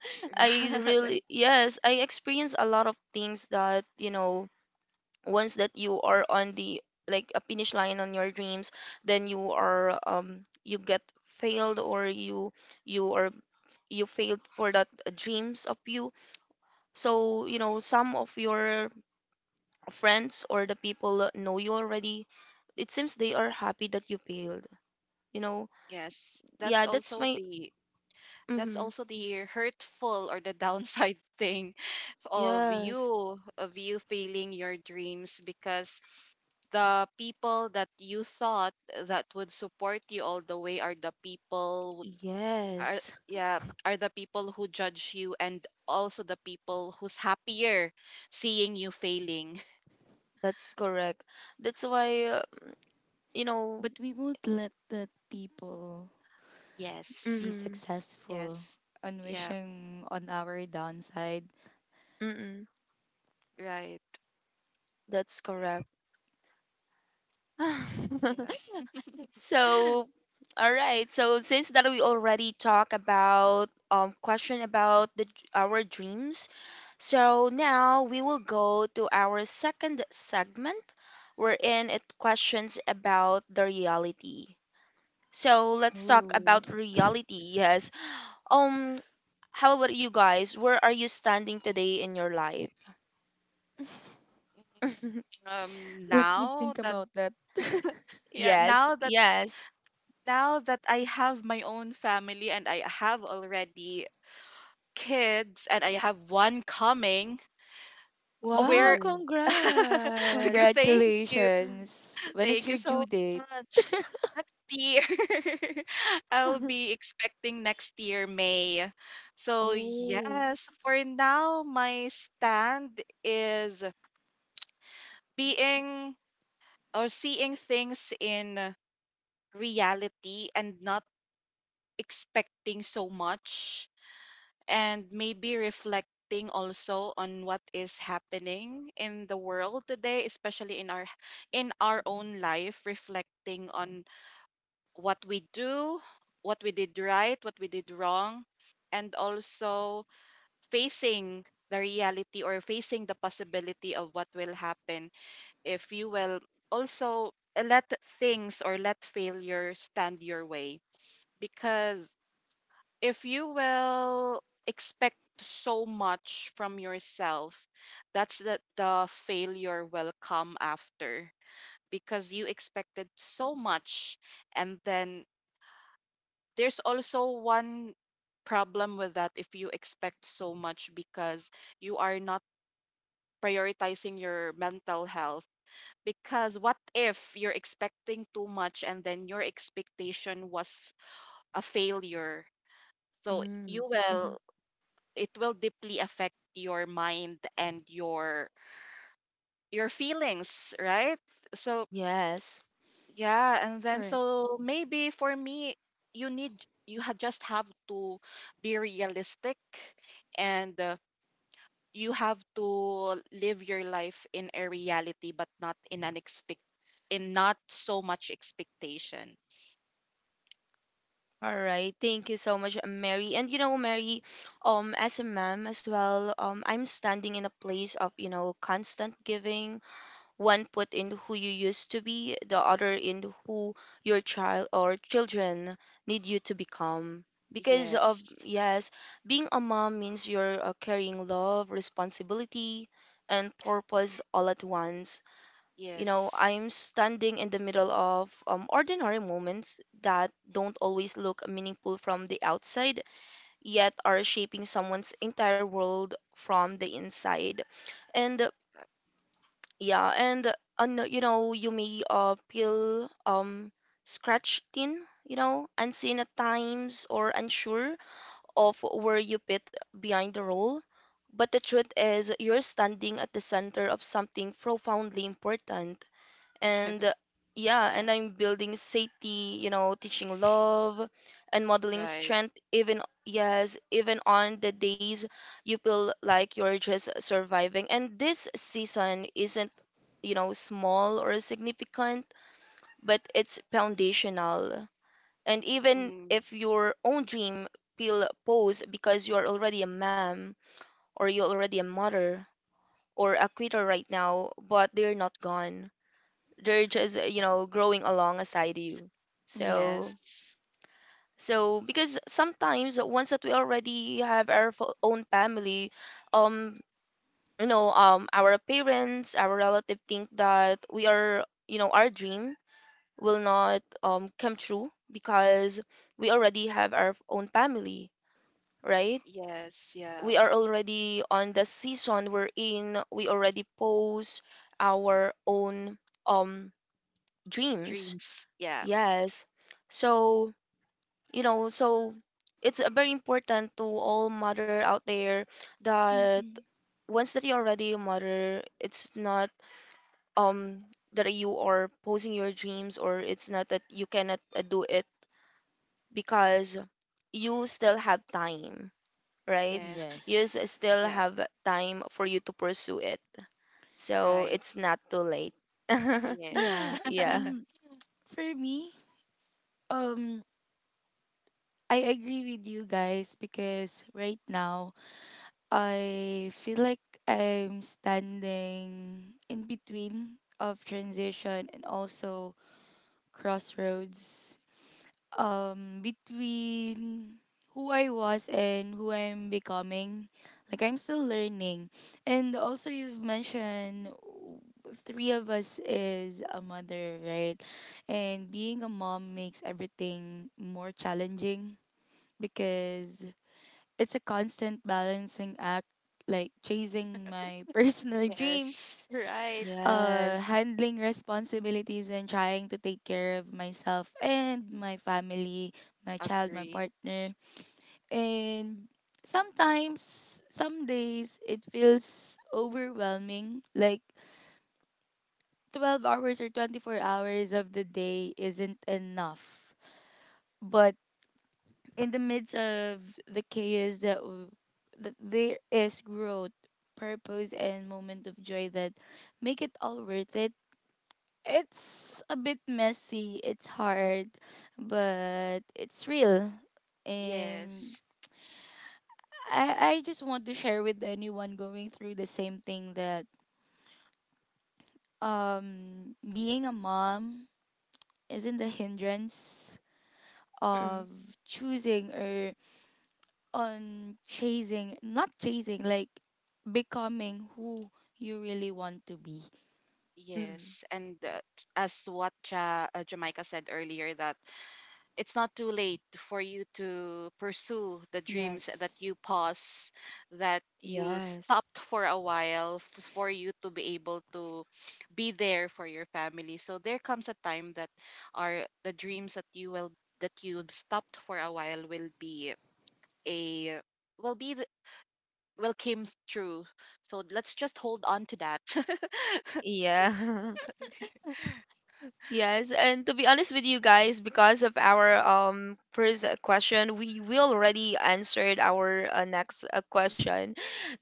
[SPEAKER 1] I really,
[SPEAKER 3] Right.
[SPEAKER 1] yes, I experience a lot of things that you know, once that you are on the like a finish line on your dreams, then you are you get failed, or you are you failed for that dreams of you. So you know, some of your friends or the people know you already, it seems they are happy that you failed, you know.
[SPEAKER 3] Yes,
[SPEAKER 1] Yeah, that's my
[SPEAKER 3] that's
[SPEAKER 1] mm-hmm.
[SPEAKER 3] also the hurtful or the downside thing
[SPEAKER 1] Yes,
[SPEAKER 3] of you failing your dreams because the people that you thought that would support you all the way are the people who- are
[SPEAKER 1] yes,
[SPEAKER 3] yeah are the people who judge you and also the people who's happier seeing you failing.
[SPEAKER 1] that's correct. That's why, you know
[SPEAKER 2] but we won't let that people
[SPEAKER 3] Yes.
[SPEAKER 2] be
[SPEAKER 1] mm-hmm,
[SPEAKER 2] successful
[SPEAKER 3] Yes.
[SPEAKER 2] on
[SPEAKER 3] Yeah,
[SPEAKER 2] wishing on our downside.
[SPEAKER 1] mm-hmm,
[SPEAKER 3] right.
[SPEAKER 1] that's correct.
[SPEAKER 3] Yeah.
[SPEAKER 1] So, all right. So since that we already talked about question about the our dreams, so now we will go to our second segment wherein it questions about the reality. So let's talk
[SPEAKER 2] Ooh,
[SPEAKER 1] about reality. Yes. Um how about you guys? Where are you standing today in your life?
[SPEAKER 2] let me
[SPEAKER 3] Now
[SPEAKER 2] think
[SPEAKER 3] that
[SPEAKER 2] about that.
[SPEAKER 3] yeah,
[SPEAKER 1] Yes. Yes.
[SPEAKER 3] now that I have my own family and I have already kids and I have one coming,
[SPEAKER 1] Wow,
[SPEAKER 3] where
[SPEAKER 2] Ooh,
[SPEAKER 1] congrats.
[SPEAKER 3] thank you.
[SPEAKER 2] congratulations. When is
[SPEAKER 3] Thank you
[SPEAKER 2] your due
[SPEAKER 3] so
[SPEAKER 2] date?
[SPEAKER 3] much. Next year, I'll be expecting next year, May. So,
[SPEAKER 1] Oh.
[SPEAKER 3] yes, for now, my stand is being or seeing things in reality and not expecting so much and maybe reflecting also on what is happening in the world today especially in our own life reflecting on what we do what we did right what we did wrong and also facing the reality or facing the possibility of what will happen if you will also let things or let failure stand your way. Because if you will expect so much from yourself, that the failure will come after because you expected so much. And then there's also one problem with that if you expect so much because you are not prioritizing your mental health. Because what if you're expecting too much and then your expectation was a failure? So
[SPEAKER 1] Mm,
[SPEAKER 3] you
[SPEAKER 1] mhm.
[SPEAKER 3] will it will deeply affect your mind and your feelings, right? So
[SPEAKER 1] Yes.
[SPEAKER 3] yeah, and then
[SPEAKER 2] Correct.
[SPEAKER 3] so maybe for me you need just have to be realistic and you have to live your life in a reality but not in an expect in not so much expectation.
[SPEAKER 1] All right. Thank you so much, Mary. And you know, Mary, as a mom as well, I'm standing in a place of, you know, constant giving, one put in who you used to be, the other in who your child or children need you to become. Because of,
[SPEAKER 3] Yes.
[SPEAKER 1] yes, being a mom means you're carrying love, responsibility, and purpose all at once. You know,
[SPEAKER 3] Yes.
[SPEAKER 1] I'm standing in the middle of ordinary moments that don't always look meaningful from the outside, yet are shaping someone's entire world from the inside. And
[SPEAKER 3] Right.
[SPEAKER 1] yeah, and no, you know, you may feel scratched in, you know, unseen at times, or unsure of where you fit behind the role. But the truth is, you're standing at the center of something profoundly important. And yeah,
[SPEAKER 3] Yeah.
[SPEAKER 1] and I'm building safety, you know, teaching love and modeling
[SPEAKER 3] Right.
[SPEAKER 1] strength, even, yes, even on the days you feel like you're just surviving. And this season isn't, you know, small or significant, but it's foundational. And even
[SPEAKER 3] Mm,
[SPEAKER 1] if your own dream feel pause because you're already a mom, or you're already a mother, or a quitter right now, but they're not gone, they're just, you
[SPEAKER 3] yeah.
[SPEAKER 1] know, growing alongside you.
[SPEAKER 2] Mm-hmm.
[SPEAKER 1] So
[SPEAKER 3] Yes.
[SPEAKER 1] so because sometimes once that we already have our own family, um our parents, our relative, think that we are, you know, our dream will not come true because we already have our own family, right?
[SPEAKER 3] Yes. Yeah.
[SPEAKER 1] We are already on the season we're in, we already pose our own um dreams.
[SPEAKER 3] Dreams. Yeah.
[SPEAKER 1] Yes. So, you know, so it's very important to all mother out there that
[SPEAKER 2] Mm-hmm.
[SPEAKER 1] once that you're already a mother, it's not um that you are posing your dreams, or it's not that you cannot do it because you still have time, right?
[SPEAKER 3] Yes.
[SPEAKER 1] You
[SPEAKER 2] Yes.
[SPEAKER 1] still
[SPEAKER 3] Yeah.
[SPEAKER 1] have time for you to pursue it. So
[SPEAKER 3] Right.
[SPEAKER 1] it's not too late.
[SPEAKER 3] Yes.
[SPEAKER 2] Yeah.
[SPEAKER 1] Yeah.
[SPEAKER 2] For me, um, I agree with you guys, because right now I feel like I'm standing in between of transition and also crossroads, between who I was and who I'm becoming. Like I'm still learning. And also you've mentioned three of us is a mother, right? And being a mom makes everything more challenging because it's a constant balancing act, like chasing my personal
[SPEAKER 3] Yes.
[SPEAKER 2] dreams,
[SPEAKER 3] Right.
[SPEAKER 1] Yes.
[SPEAKER 2] handling responsibilities, and trying to take care of myself and my family, my child, my
[SPEAKER 3] Agree.
[SPEAKER 2] partner. And sometimes some days it feels overwhelming, like 12 hours or 24 hours of the day isn't enough. But in the midst of the that there is growth, purpose, and moment of joy that make it all worth it. It's a bit messy, it's hard, but it's real. And
[SPEAKER 3] Yes.
[SPEAKER 2] I just want to share with anyone going through the same thing, that being a mom isn't the hindrance of
[SPEAKER 1] Mm-mm.
[SPEAKER 2] choosing or on chasing not chasing, like becoming who you really want to be.
[SPEAKER 1] Mm-mm.
[SPEAKER 3] Yes. And as what ja Jamaica said earlier, that it's not too late for you to pursue the dreams that
[SPEAKER 2] Yes.
[SPEAKER 3] you pause, that you
[SPEAKER 1] Yes.
[SPEAKER 3] stopped for a while for you to be able to be there for your family. So there comes a time that are the dreams that you will that you stopped for a while will be a will be the, will came true. So let's just hold on to that.
[SPEAKER 1] Yeah. Yes, and to be honest with you guys, because of our first question, we will already answered our next question.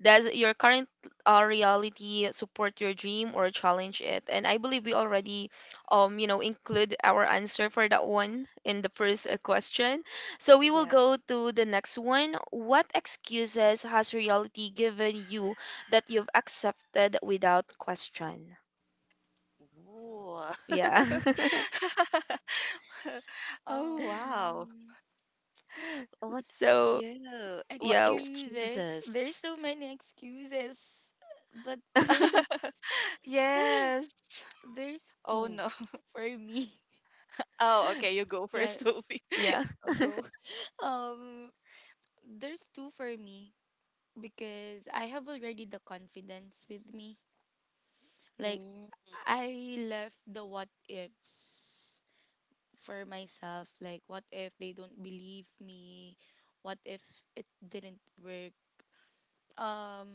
[SPEAKER 1] Does your current reality support your dream or challenge it? And I believe we already you know include our answer for that one in the first question. So we will
[SPEAKER 3] Yeah.
[SPEAKER 1] go to the next one. What excuses has reality given you that you've accepted without question?
[SPEAKER 3] Ooh.
[SPEAKER 1] Yeah.
[SPEAKER 3] Oh wow.
[SPEAKER 2] Um.
[SPEAKER 3] What?
[SPEAKER 1] So
[SPEAKER 3] Yeah. What
[SPEAKER 1] yeah,
[SPEAKER 2] Excuses. There's
[SPEAKER 3] excuses?
[SPEAKER 2] so many excuses, but
[SPEAKER 3] Yes.
[SPEAKER 2] there's
[SPEAKER 3] Oh
[SPEAKER 2] two
[SPEAKER 3] no.
[SPEAKER 2] for me.
[SPEAKER 3] Oh, okay. You go
[SPEAKER 2] Yeah,
[SPEAKER 3] first, Sophie.
[SPEAKER 1] yeah,
[SPEAKER 2] I'll go. Um, there's two for me, because I have already the confidence with me. Like
[SPEAKER 3] Mm.
[SPEAKER 2] I left the what ifs for myself. Like, what if they don't believe me? What if it didn't work? Um,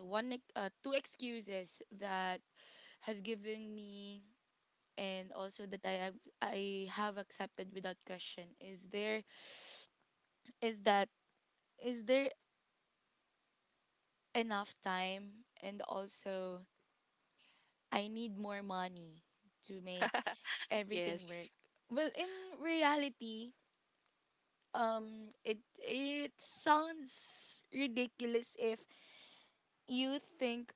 [SPEAKER 2] two excuses that has given me, and also that I have accepted without question, is there is that is there enough time, and also I need more money to make everything
[SPEAKER 3] Yes,
[SPEAKER 2] work. Well, in reality, it sounds ridiculous if you think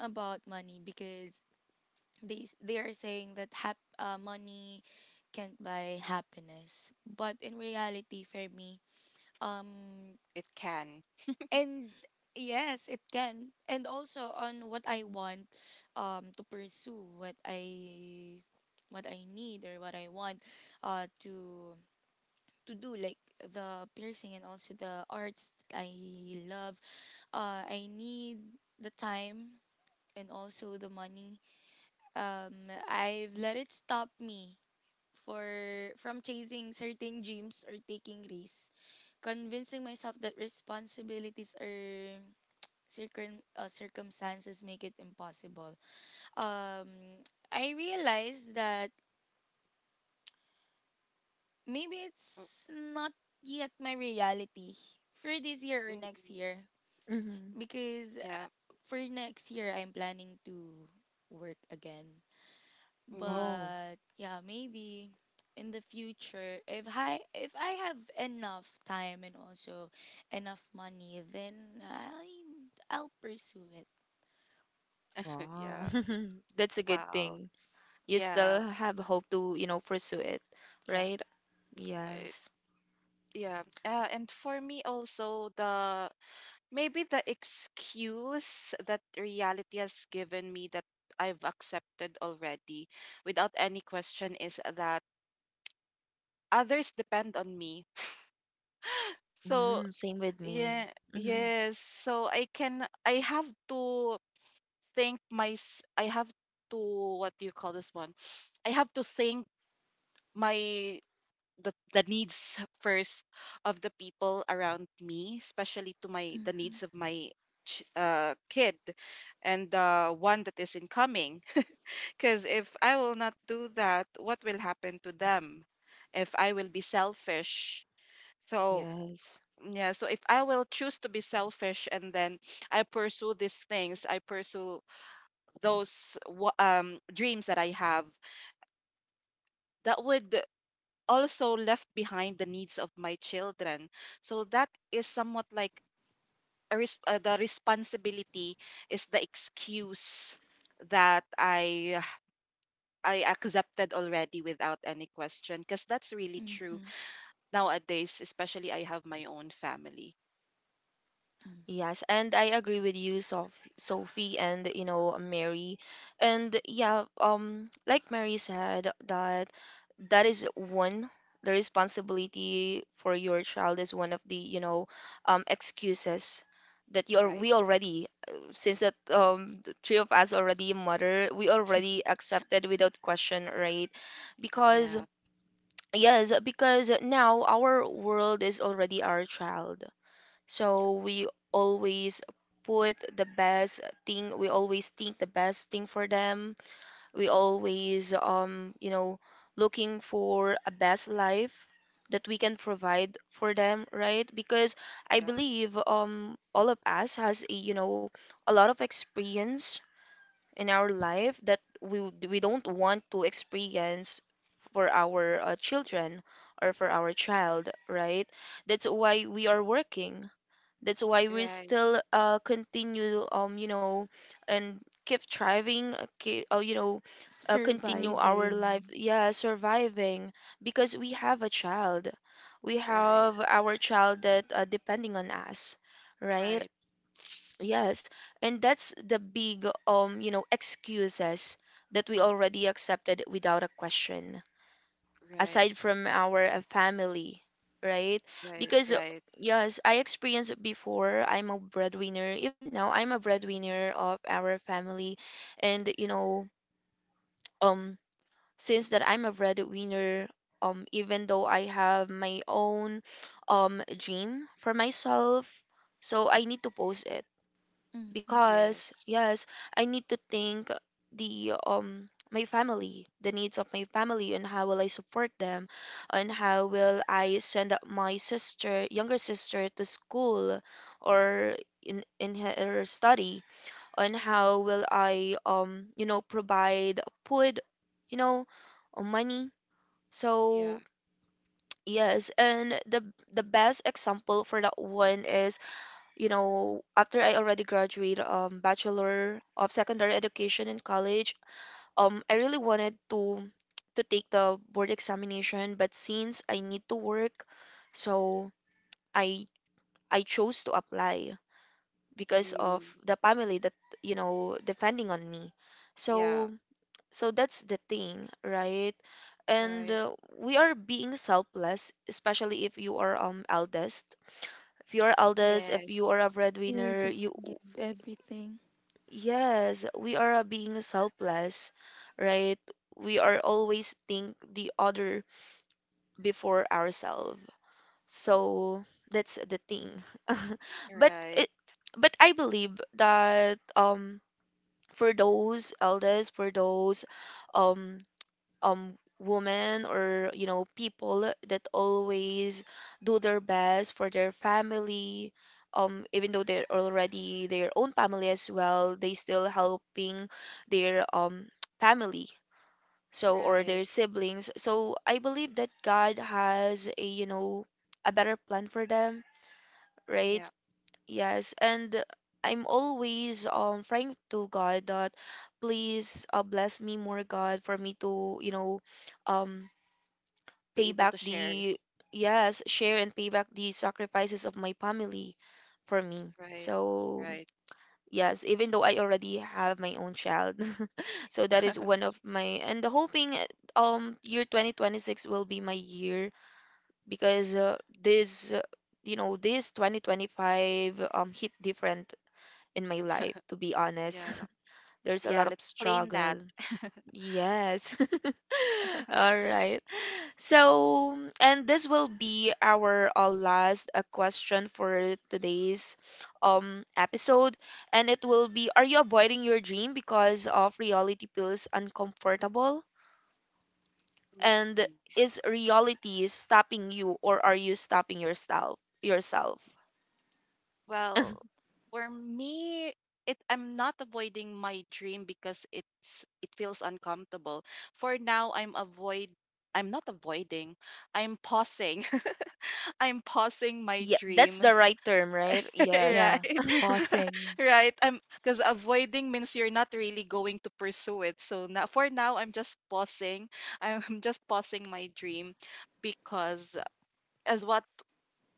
[SPEAKER 2] about money, because they are saying that money can't buy happiness, but in reality for me, um
[SPEAKER 3] it can.
[SPEAKER 2] and yes it can. And also on what I want to pursue what I what I need or what I want uh to to do, like the piercing and also the arts that I love. I need the time and also the money. I've let it stop me for from chasing certain dreams or taking risks, convincing myself that responsibilities or circumstances make it impossible. Um, I realized that maybe
[SPEAKER 3] Mm,
[SPEAKER 2] it's not yet my reality for this year
[SPEAKER 3] mm,
[SPEAKER 2] or next
[SPEAKER 3] mm.
[SPEAKER 2] year,
[SPEAKER 1] mm-hmm.
[SPEAKER 2] because
[SPEAKER 3] Yeah.
[SPEAKER 2] for next year I'm planning to work again.
[SPEAKER 3] Mm.
[SPEAKER 1] Oh,
[SPEAKER 2] But yeah, maybe in the future, if I have enough time and also enough money, then I I'll pursue it.
[SPEAKER 1] wow.
[SPEAKER 3] Yeah.
[SPEAKER 1] That's a good
[SPEAKER 3] Wow.
[SPEAKER 1] thing. You still
[SPEAKER 3] Yeah.
[SPEAKER 1] have hope to you know pursue it,
[SPEAKER 2] Yeah.
[SPEAKER 1] right?
[SPEAKER 3] It,
[SPEAKER 1] Yes.
[SPEAKER 3] yeah. And for me also the maybe the excuse that reality has given me that I've accepted already without any question is that others depend on me. So
[SPEAKER 1] Mm, same with me.
[SPEAKER 3] yeah,
[SPEAKER 1] Hmm.
[SPEAKER 3] yes. So I have to think I have to, what do you call this one? I have to think my the needs first of the people around me, especially to my the
[SPEAKER 2] Mm-hmm.
[SPEAKER 3] needs of my kid and the one that is incoming. Because if I will not do that, what will happen to them? If I will be selfish, so
[SPEAKER 1] Yes.
[SPEAKER 3] yeah, so if I will choose to be selfish and then I pursue these things, I pursue those dreams that I have, that would also left behind the needs of my children. So that is somewhat like the responsibility is the excuse that I accepted already without any question, because that's really true
[SPEAKER 2] Mm-hmm.
[SPEAKER 3] nowadays, especially I have my own family,
[SPEAKER 2] Mm.
[SPEAKER 1] Yes, and I agree with you, Sof Sophie, and you know Mary, and yeah, like Mary said, that that is one, the responsibility for your child is one of the, you know, excuses that you're
[SPEAKER 3] right?
[SPEAKER 1] we already since that the three of us already mother, we already accepted without question, right? Because
[SPEAKER 3] Yeah,
[SPEAKER 1] yes, because now our world is already our child, so we always put the best thing, we always think the best thing for them. We always you know, looking for a best life that we can provide for them, right? Because I
[SPEAKER 3] yeah,
[SPEAKER 1] believe all of us has a, you know, a lot of experience in our life that we would- we don't want to experience for our children or for our child, right? That's why we are working, that's why we
[SPEAKER 3] right,
[SPEAKER 1] still continue, and keep thriving, keep, continue our life.
[SPEAKER 2] Surviving.
[SPEAKER 1] Yeah, surviving because we have a child. We
[SPEAKER 3] right.
[SPEAKER 1] have our child that depending on us, right?
[SPEAKER 3] Right,
[SPEAKER 1] Yes, and that's the big excuses that we already accepted without a question,
[SPEAKER 3] right,
[SPEAKER 1] aside from our family, right?
[SPEAKER 3] right,
[SPEAKER 1] Because
[SPEAKER 3] right.
[SPEAKER 1] yes, I experienced it before. I'm a breadwinner. Even now, I'm a breadwinner of our family, and um, since that I'm a breadwinner, even though I have my own, dream for myself, so I need to post it
[SPEAKER 2] Mm-hmm.
[SPEAKER 1] because
[SPEAKER 3] Yes.
[SPEAKER 1] yes, I need to think the my family, the needs of my family, and how will I support them, and how will I send up my sister, younger sister, to school or in her study, and how will I provide food, you know or money.
[SPEAKER 3] Yeah.
[SPEAKER 1] So yes, and the best example for that one is, you know, after I already graduated Bachelor of Secondary Education in college, I really wanted to take the board examination, but since I need to work, so I I chose to apply because
[SPEAKER 3] Mm.
[SPEAKER 1] of the family that, you know, depending on me.
[SPEAKER 3] Yeah.
[SPEAKER 1] So, that's the thing, right? And
[SPEAKER 3] Right.
[SPEAKER 1] we are being selfless, especially if you are eldest. If you are a
[SPEAKER 3] Yes.
[SPEAKER 2] You'll
[SPEAKER 1] breadwinner,
[SPEAKER 2] just
[SPEAKER 1] you—
[SPEAKER 2] give everything.
[SPEAKER 1] yes, we are, being selfless, right? We are always think the other before ourselves. So that's the thing. But
[SPEAKER 3] Right.
[SPEAKER 1] it, but I believe that for those elders, for those um um women or, you know, people that always do their best for their family, even though they're already their own family as well, they still helping their family, so, or
[SPEAKER 3] Right.
[SPEAKER 1] their siblings. So I believe that God has a, you know, a better plan for them, right?
[SPEAKER 3] Yeah.
[SPEAKER 1] Yes, and I'm always praying to God that, please, bless me more, God, for me to, um
[SPEAKER 3] Be
[SPEAKER 1] pay
[SPEAKER 3] able
[SPEAKER 1] back
[SPEAKER 3] to share.
[SPEAKER 1] the— yes, share and pay back the sacrifices of my family for me.
[SPEAKER 3] Right.
[SPEAKER 1] So
[SPEAKER 3] Right.
[SPEAKER 1] yes, even though I already have my own child. So that is one of my— and hoping, year 2026 will be my year, because this you know, this 2025 hit different in my life, to be honest.
[SPEAKER 3] Yeah.
[SPEAKER 1] There's a
[SPEAKER 3] Yeah.
[SPEAKER 1] lot of
[SPEAKER 3] Let's claim that.
[SPEAKER 1] struggle. Yes. All right. So, and this will be our last question for today's episode, and it will be: are you avoiding your dream because of reality feels uncomfortable? And
[SPEAKER 3] Mm.
[SPEAKER 1] is reality stopping you, or are you stopping yourself? Yourself?
[SPEAKER 3] Well, for me, it I'm not avoiding my dream because it feels uncomfortable. For now, I'm not avoiding. I'm pausing. I'm pausing my
[SPEAKER 1] Yeah, that's
[SPEAKER 3] dream.
[SPEAKER 1] the right term, right? Yes.
[SPEAKER 2] Yeah.
[SPEAKER 3] Right.
[SPEAKER 1] All right.
[SPEAKER 2] Pausing.
[SPEAKER 3] Right. I'm, because avoiding means you're not really going to pursue it. So now for now I'm just pausing. I'm just pausing my dream because as what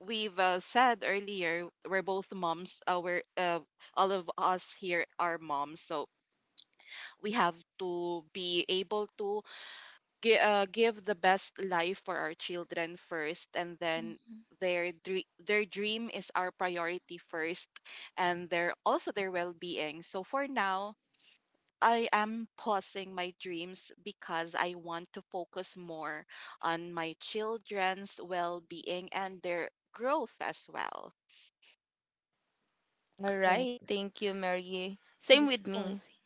[SPEAKER 3] we've said earlier, we're both moms. We're All of us here are moms, so we have to be able to give the best life for our children first, and then
[SPEAKER 2] Mm,
[SPEAKER 3] their dream is our priority first, and their also their well being. So for now, I am pausing my dreams because I want to focus more on my children's well being and their growth as well.
[SPEAKER 1] All right.
[SPEAKER 2] correct.
[SPEAKER 1] Thank you, Mary. Same with
[SPEAKER 2] Just
[SPEAKER 1] me.
[SPEAKER 2] pausing.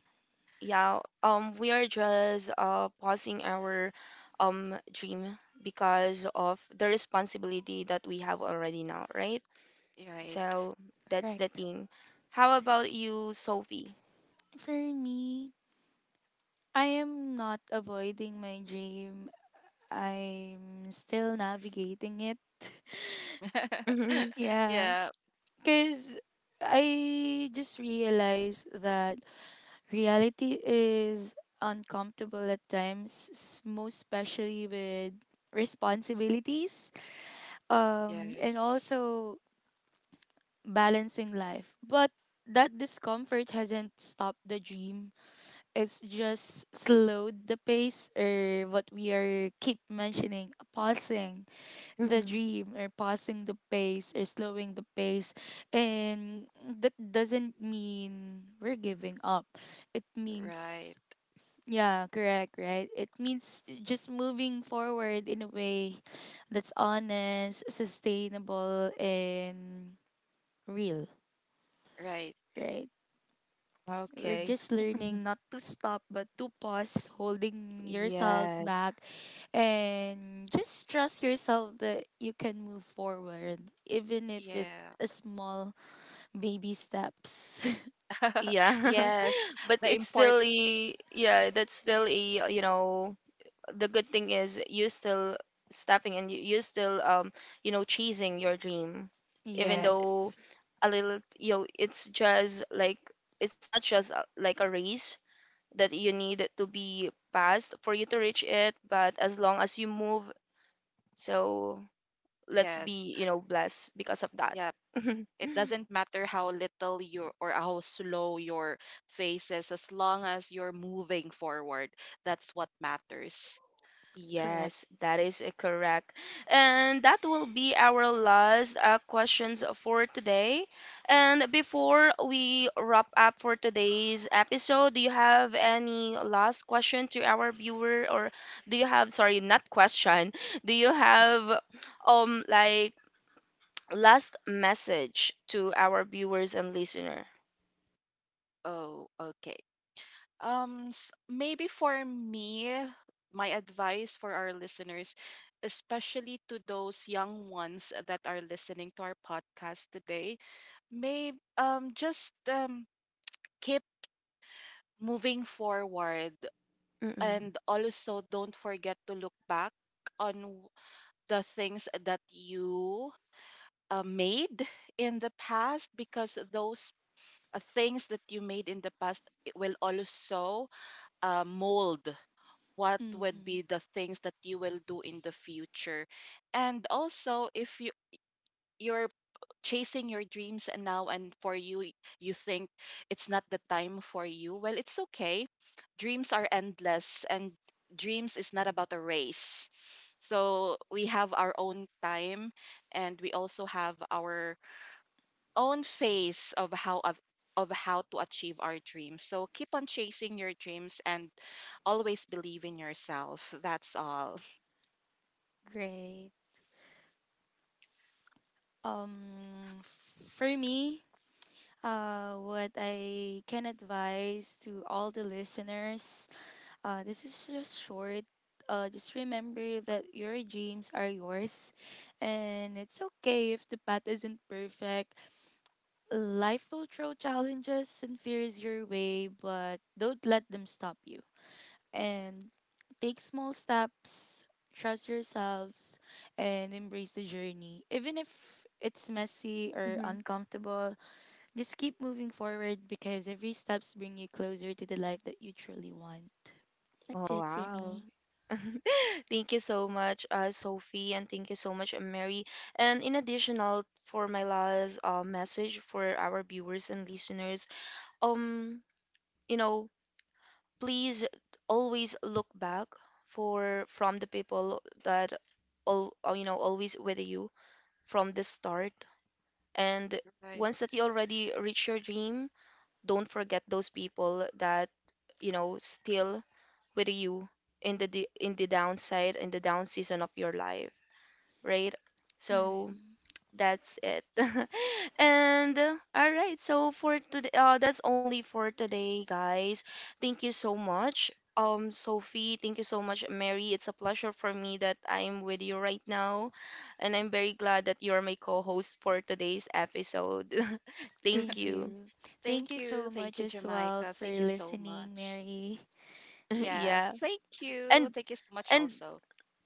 [SPEAKER 1] Yeah, we are just pausing our dream because of the responsibility that we have already now, right?
[SPEAKER 3] Right.
[SPEAKER 1] So that's the
[SPEAKER 2] Correct.
[SPEAKER 1] thing. How about you, Sophie?
[SPEAKER 2] For me, I am not avoiding my dream. I'm still navigating it.
[SPEAKER 1] Mm-hmm.
[SPEAKER 2] Yeah,
[SPEAKER 3] Yeah.
[SPEAKER 2] because I just realized that reality is uncomfortable at times, most especially with responsibilities, and
[SPEAKER 3] Yes.
[SPEAKER 2] also balancing life. But that discomfort hasn't stopped the dream. It's just slowed the pace, or what we are keep mentioning, pausing the
[SPEAKER 1] Mm-hmm.
[SPEAKER 2] dream, or pausing the pace, or slowing the pace. And that doesn't mean we're giving up. It
[SPEAKER 3] Right.
[SPEAKER 2] means, yeah, correct, right, it means just moving forward in a way that's honest, sustainable, and real.
[SPEAKER 3] Right.
[SPEAKER 2] Right, we're
[SPEAKER 1] Okay.
[SPEAKER 2] just learning not to stop but to pause, holding yourselves
[SPEAKER 1] Yes.
[SPEAKER 2] back, and just trust yourself that you can move forward, even if it's
[SPEAKER 3] Yeah.
[SPEAKER 2] a small baby steps.
[SPEAKER 1] Yeah.
[SPEAKER 3] Yes.
[SPEAKER 1] But
[SPEAKER 3] The
[SPEAKER 1] it's
[SPEAKER 3] import.
[SPEAKER 1] still a— yeah, that's still a, you know, the good thing is you still stepping, and you still you know, chasing your dream, even
[SPEAKER 3] Yes. It,
[SPEAKER 1] though
[SPEAKER 2] Yes.
[SPEAKER 1] a little, you know. It's just like, it's not just like a race that you need to be passed for you to reach it, but as long as you move. So let's
[SPEAKER 3] yes.
[SPEAKER 1] be, you know, blessed because of that.
[SPEAKER 3] Yeah. It doesn't matter how little you or how slow your face is, as long as you're moving forward. That's what matters.
[SPEAKER 2] Correct.
[SPEAKER 1] Yes, that is, correct. And that will be our last questions for today. And before we wrap up for today's episode, do you have any last question to our viewer, or do you have, sorry, not question, do you have like last message to our viewers and listener?
[SPEAKER 3] Oh, okay. Maybe for me, my advice for our listeners, especially to those young ones that are listening to our podcast today, may just keep moving forward
[SPEAKER 1] Mm-mm.
[SPEAKER 3] and also don't forget to look back on the things that you made in the past because those things that you made in the past it will also mold what would
[SPEAKER 2] Mm-hmm.
[SPEAKER 3] be the things that you will do in the future. And also if you, you're chasing your dreams and now and for you you think it's not the time for you, well it's okay, dreams are endless and dreams is not about a race, so we have our own time and we also have our own phase of how to achieve our dreams. So keep on chasing your dreams and always believe in yourself. That's all.
[SPEAKER 2] Great. um for me, what I can advise to all the listeners, this is just short. Just remember that your dreams are yours, and it's okay if the path isn't perfect. Life will throw challenges and fears your way, but don't let them stop you. And take small steps, trust yourselves, and embrace the journey. Even if it's messy or uncomfortable, just keep moving forward, because every steps bring you closer to the life that you truly want.
[SPEAKER 1] Oh,
[SPEAKER 2] That's it for
[SPEAKER 1] wow.
[SPEAKER 2] me.
[SPEAKER 1] Thank you so much, Sophie, and thank you so much, Mary. And in additional for my last message for our viewers and listeners, um, you know, please always look back for from the people that all, you know, always with you from the start. And
[SPEAKER 3] Right,
[SPEAKER 1] once that you already reach your dream, don't forget those people that, you know, still with you in the in the downside, in the down season of your life, right?
[SPEAKER 3] right.
[SPEAKER 1] So
[SPEAKER 2] Mhm.
[SPEAKER 1] that's it. And all right, so for today, that's only for today, guys. Thank you so much. Sophie, thank you so much, Mary. It's a pleasure for me that I'm with you right now, and I'm very glad that you're my co-host for today's episode. Thank
[SPEAKER 2] Thank
[SPEAKER 1] you.
[SPEAKER 2] you. Thank
[SPEAKER 3] Thank
[SPEAKER 2] you
[SPEAKER 3] you.
[SPEAKER 2] so
[SPEAKER 3] Thank
[SPEAKER 2] much
[SPEAKER 3] you,
[SPEAKER 2] as well
[SPEAKER 3] Jamaica.
[SPEAKER 2] for
[SPEAKER 3] Thank you so
[SPEAKER 2] listening,
[SPEAKER 3] much.
[SPEAKER 2] Mary.
[SPEAKER 3] Yes.
[SPEAKER 1] Yeah,
[SPEAKER 3] Thank you.
[SPEAKER 1] and
[SPEAKER 3] Thank you so much
[SPEAKER 1] and
[SPEAKER 3] also.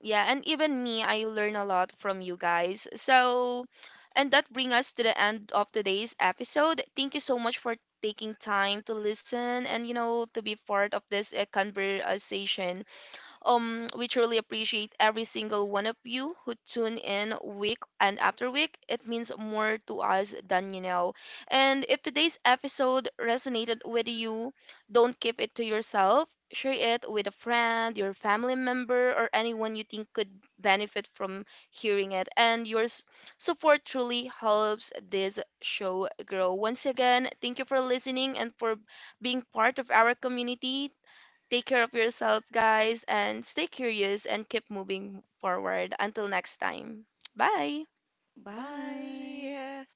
[SPEAKER 1] yeah, and even me, I learn a lot from you guys. So, and that brings us to the end of today's episode. Thank you so much for taking time to listen and, you know, to be part of this conversation. We truly appreciate every single one of you who tune in week and after week. It means more to us than you know. And if today's episode resonated with you, don't keep it to yourself. Share it with a friend, your family member, or anyone you think could benefit from hearing it. And your support truly helps this show grow. Once again, thank you for listening and for being part of our community. Take care of yourself, guys, and stay curious and keep moving forward. Until next time. Bye.
[SPEAKER 2] Bye.
[SPEAKER 3] Bye.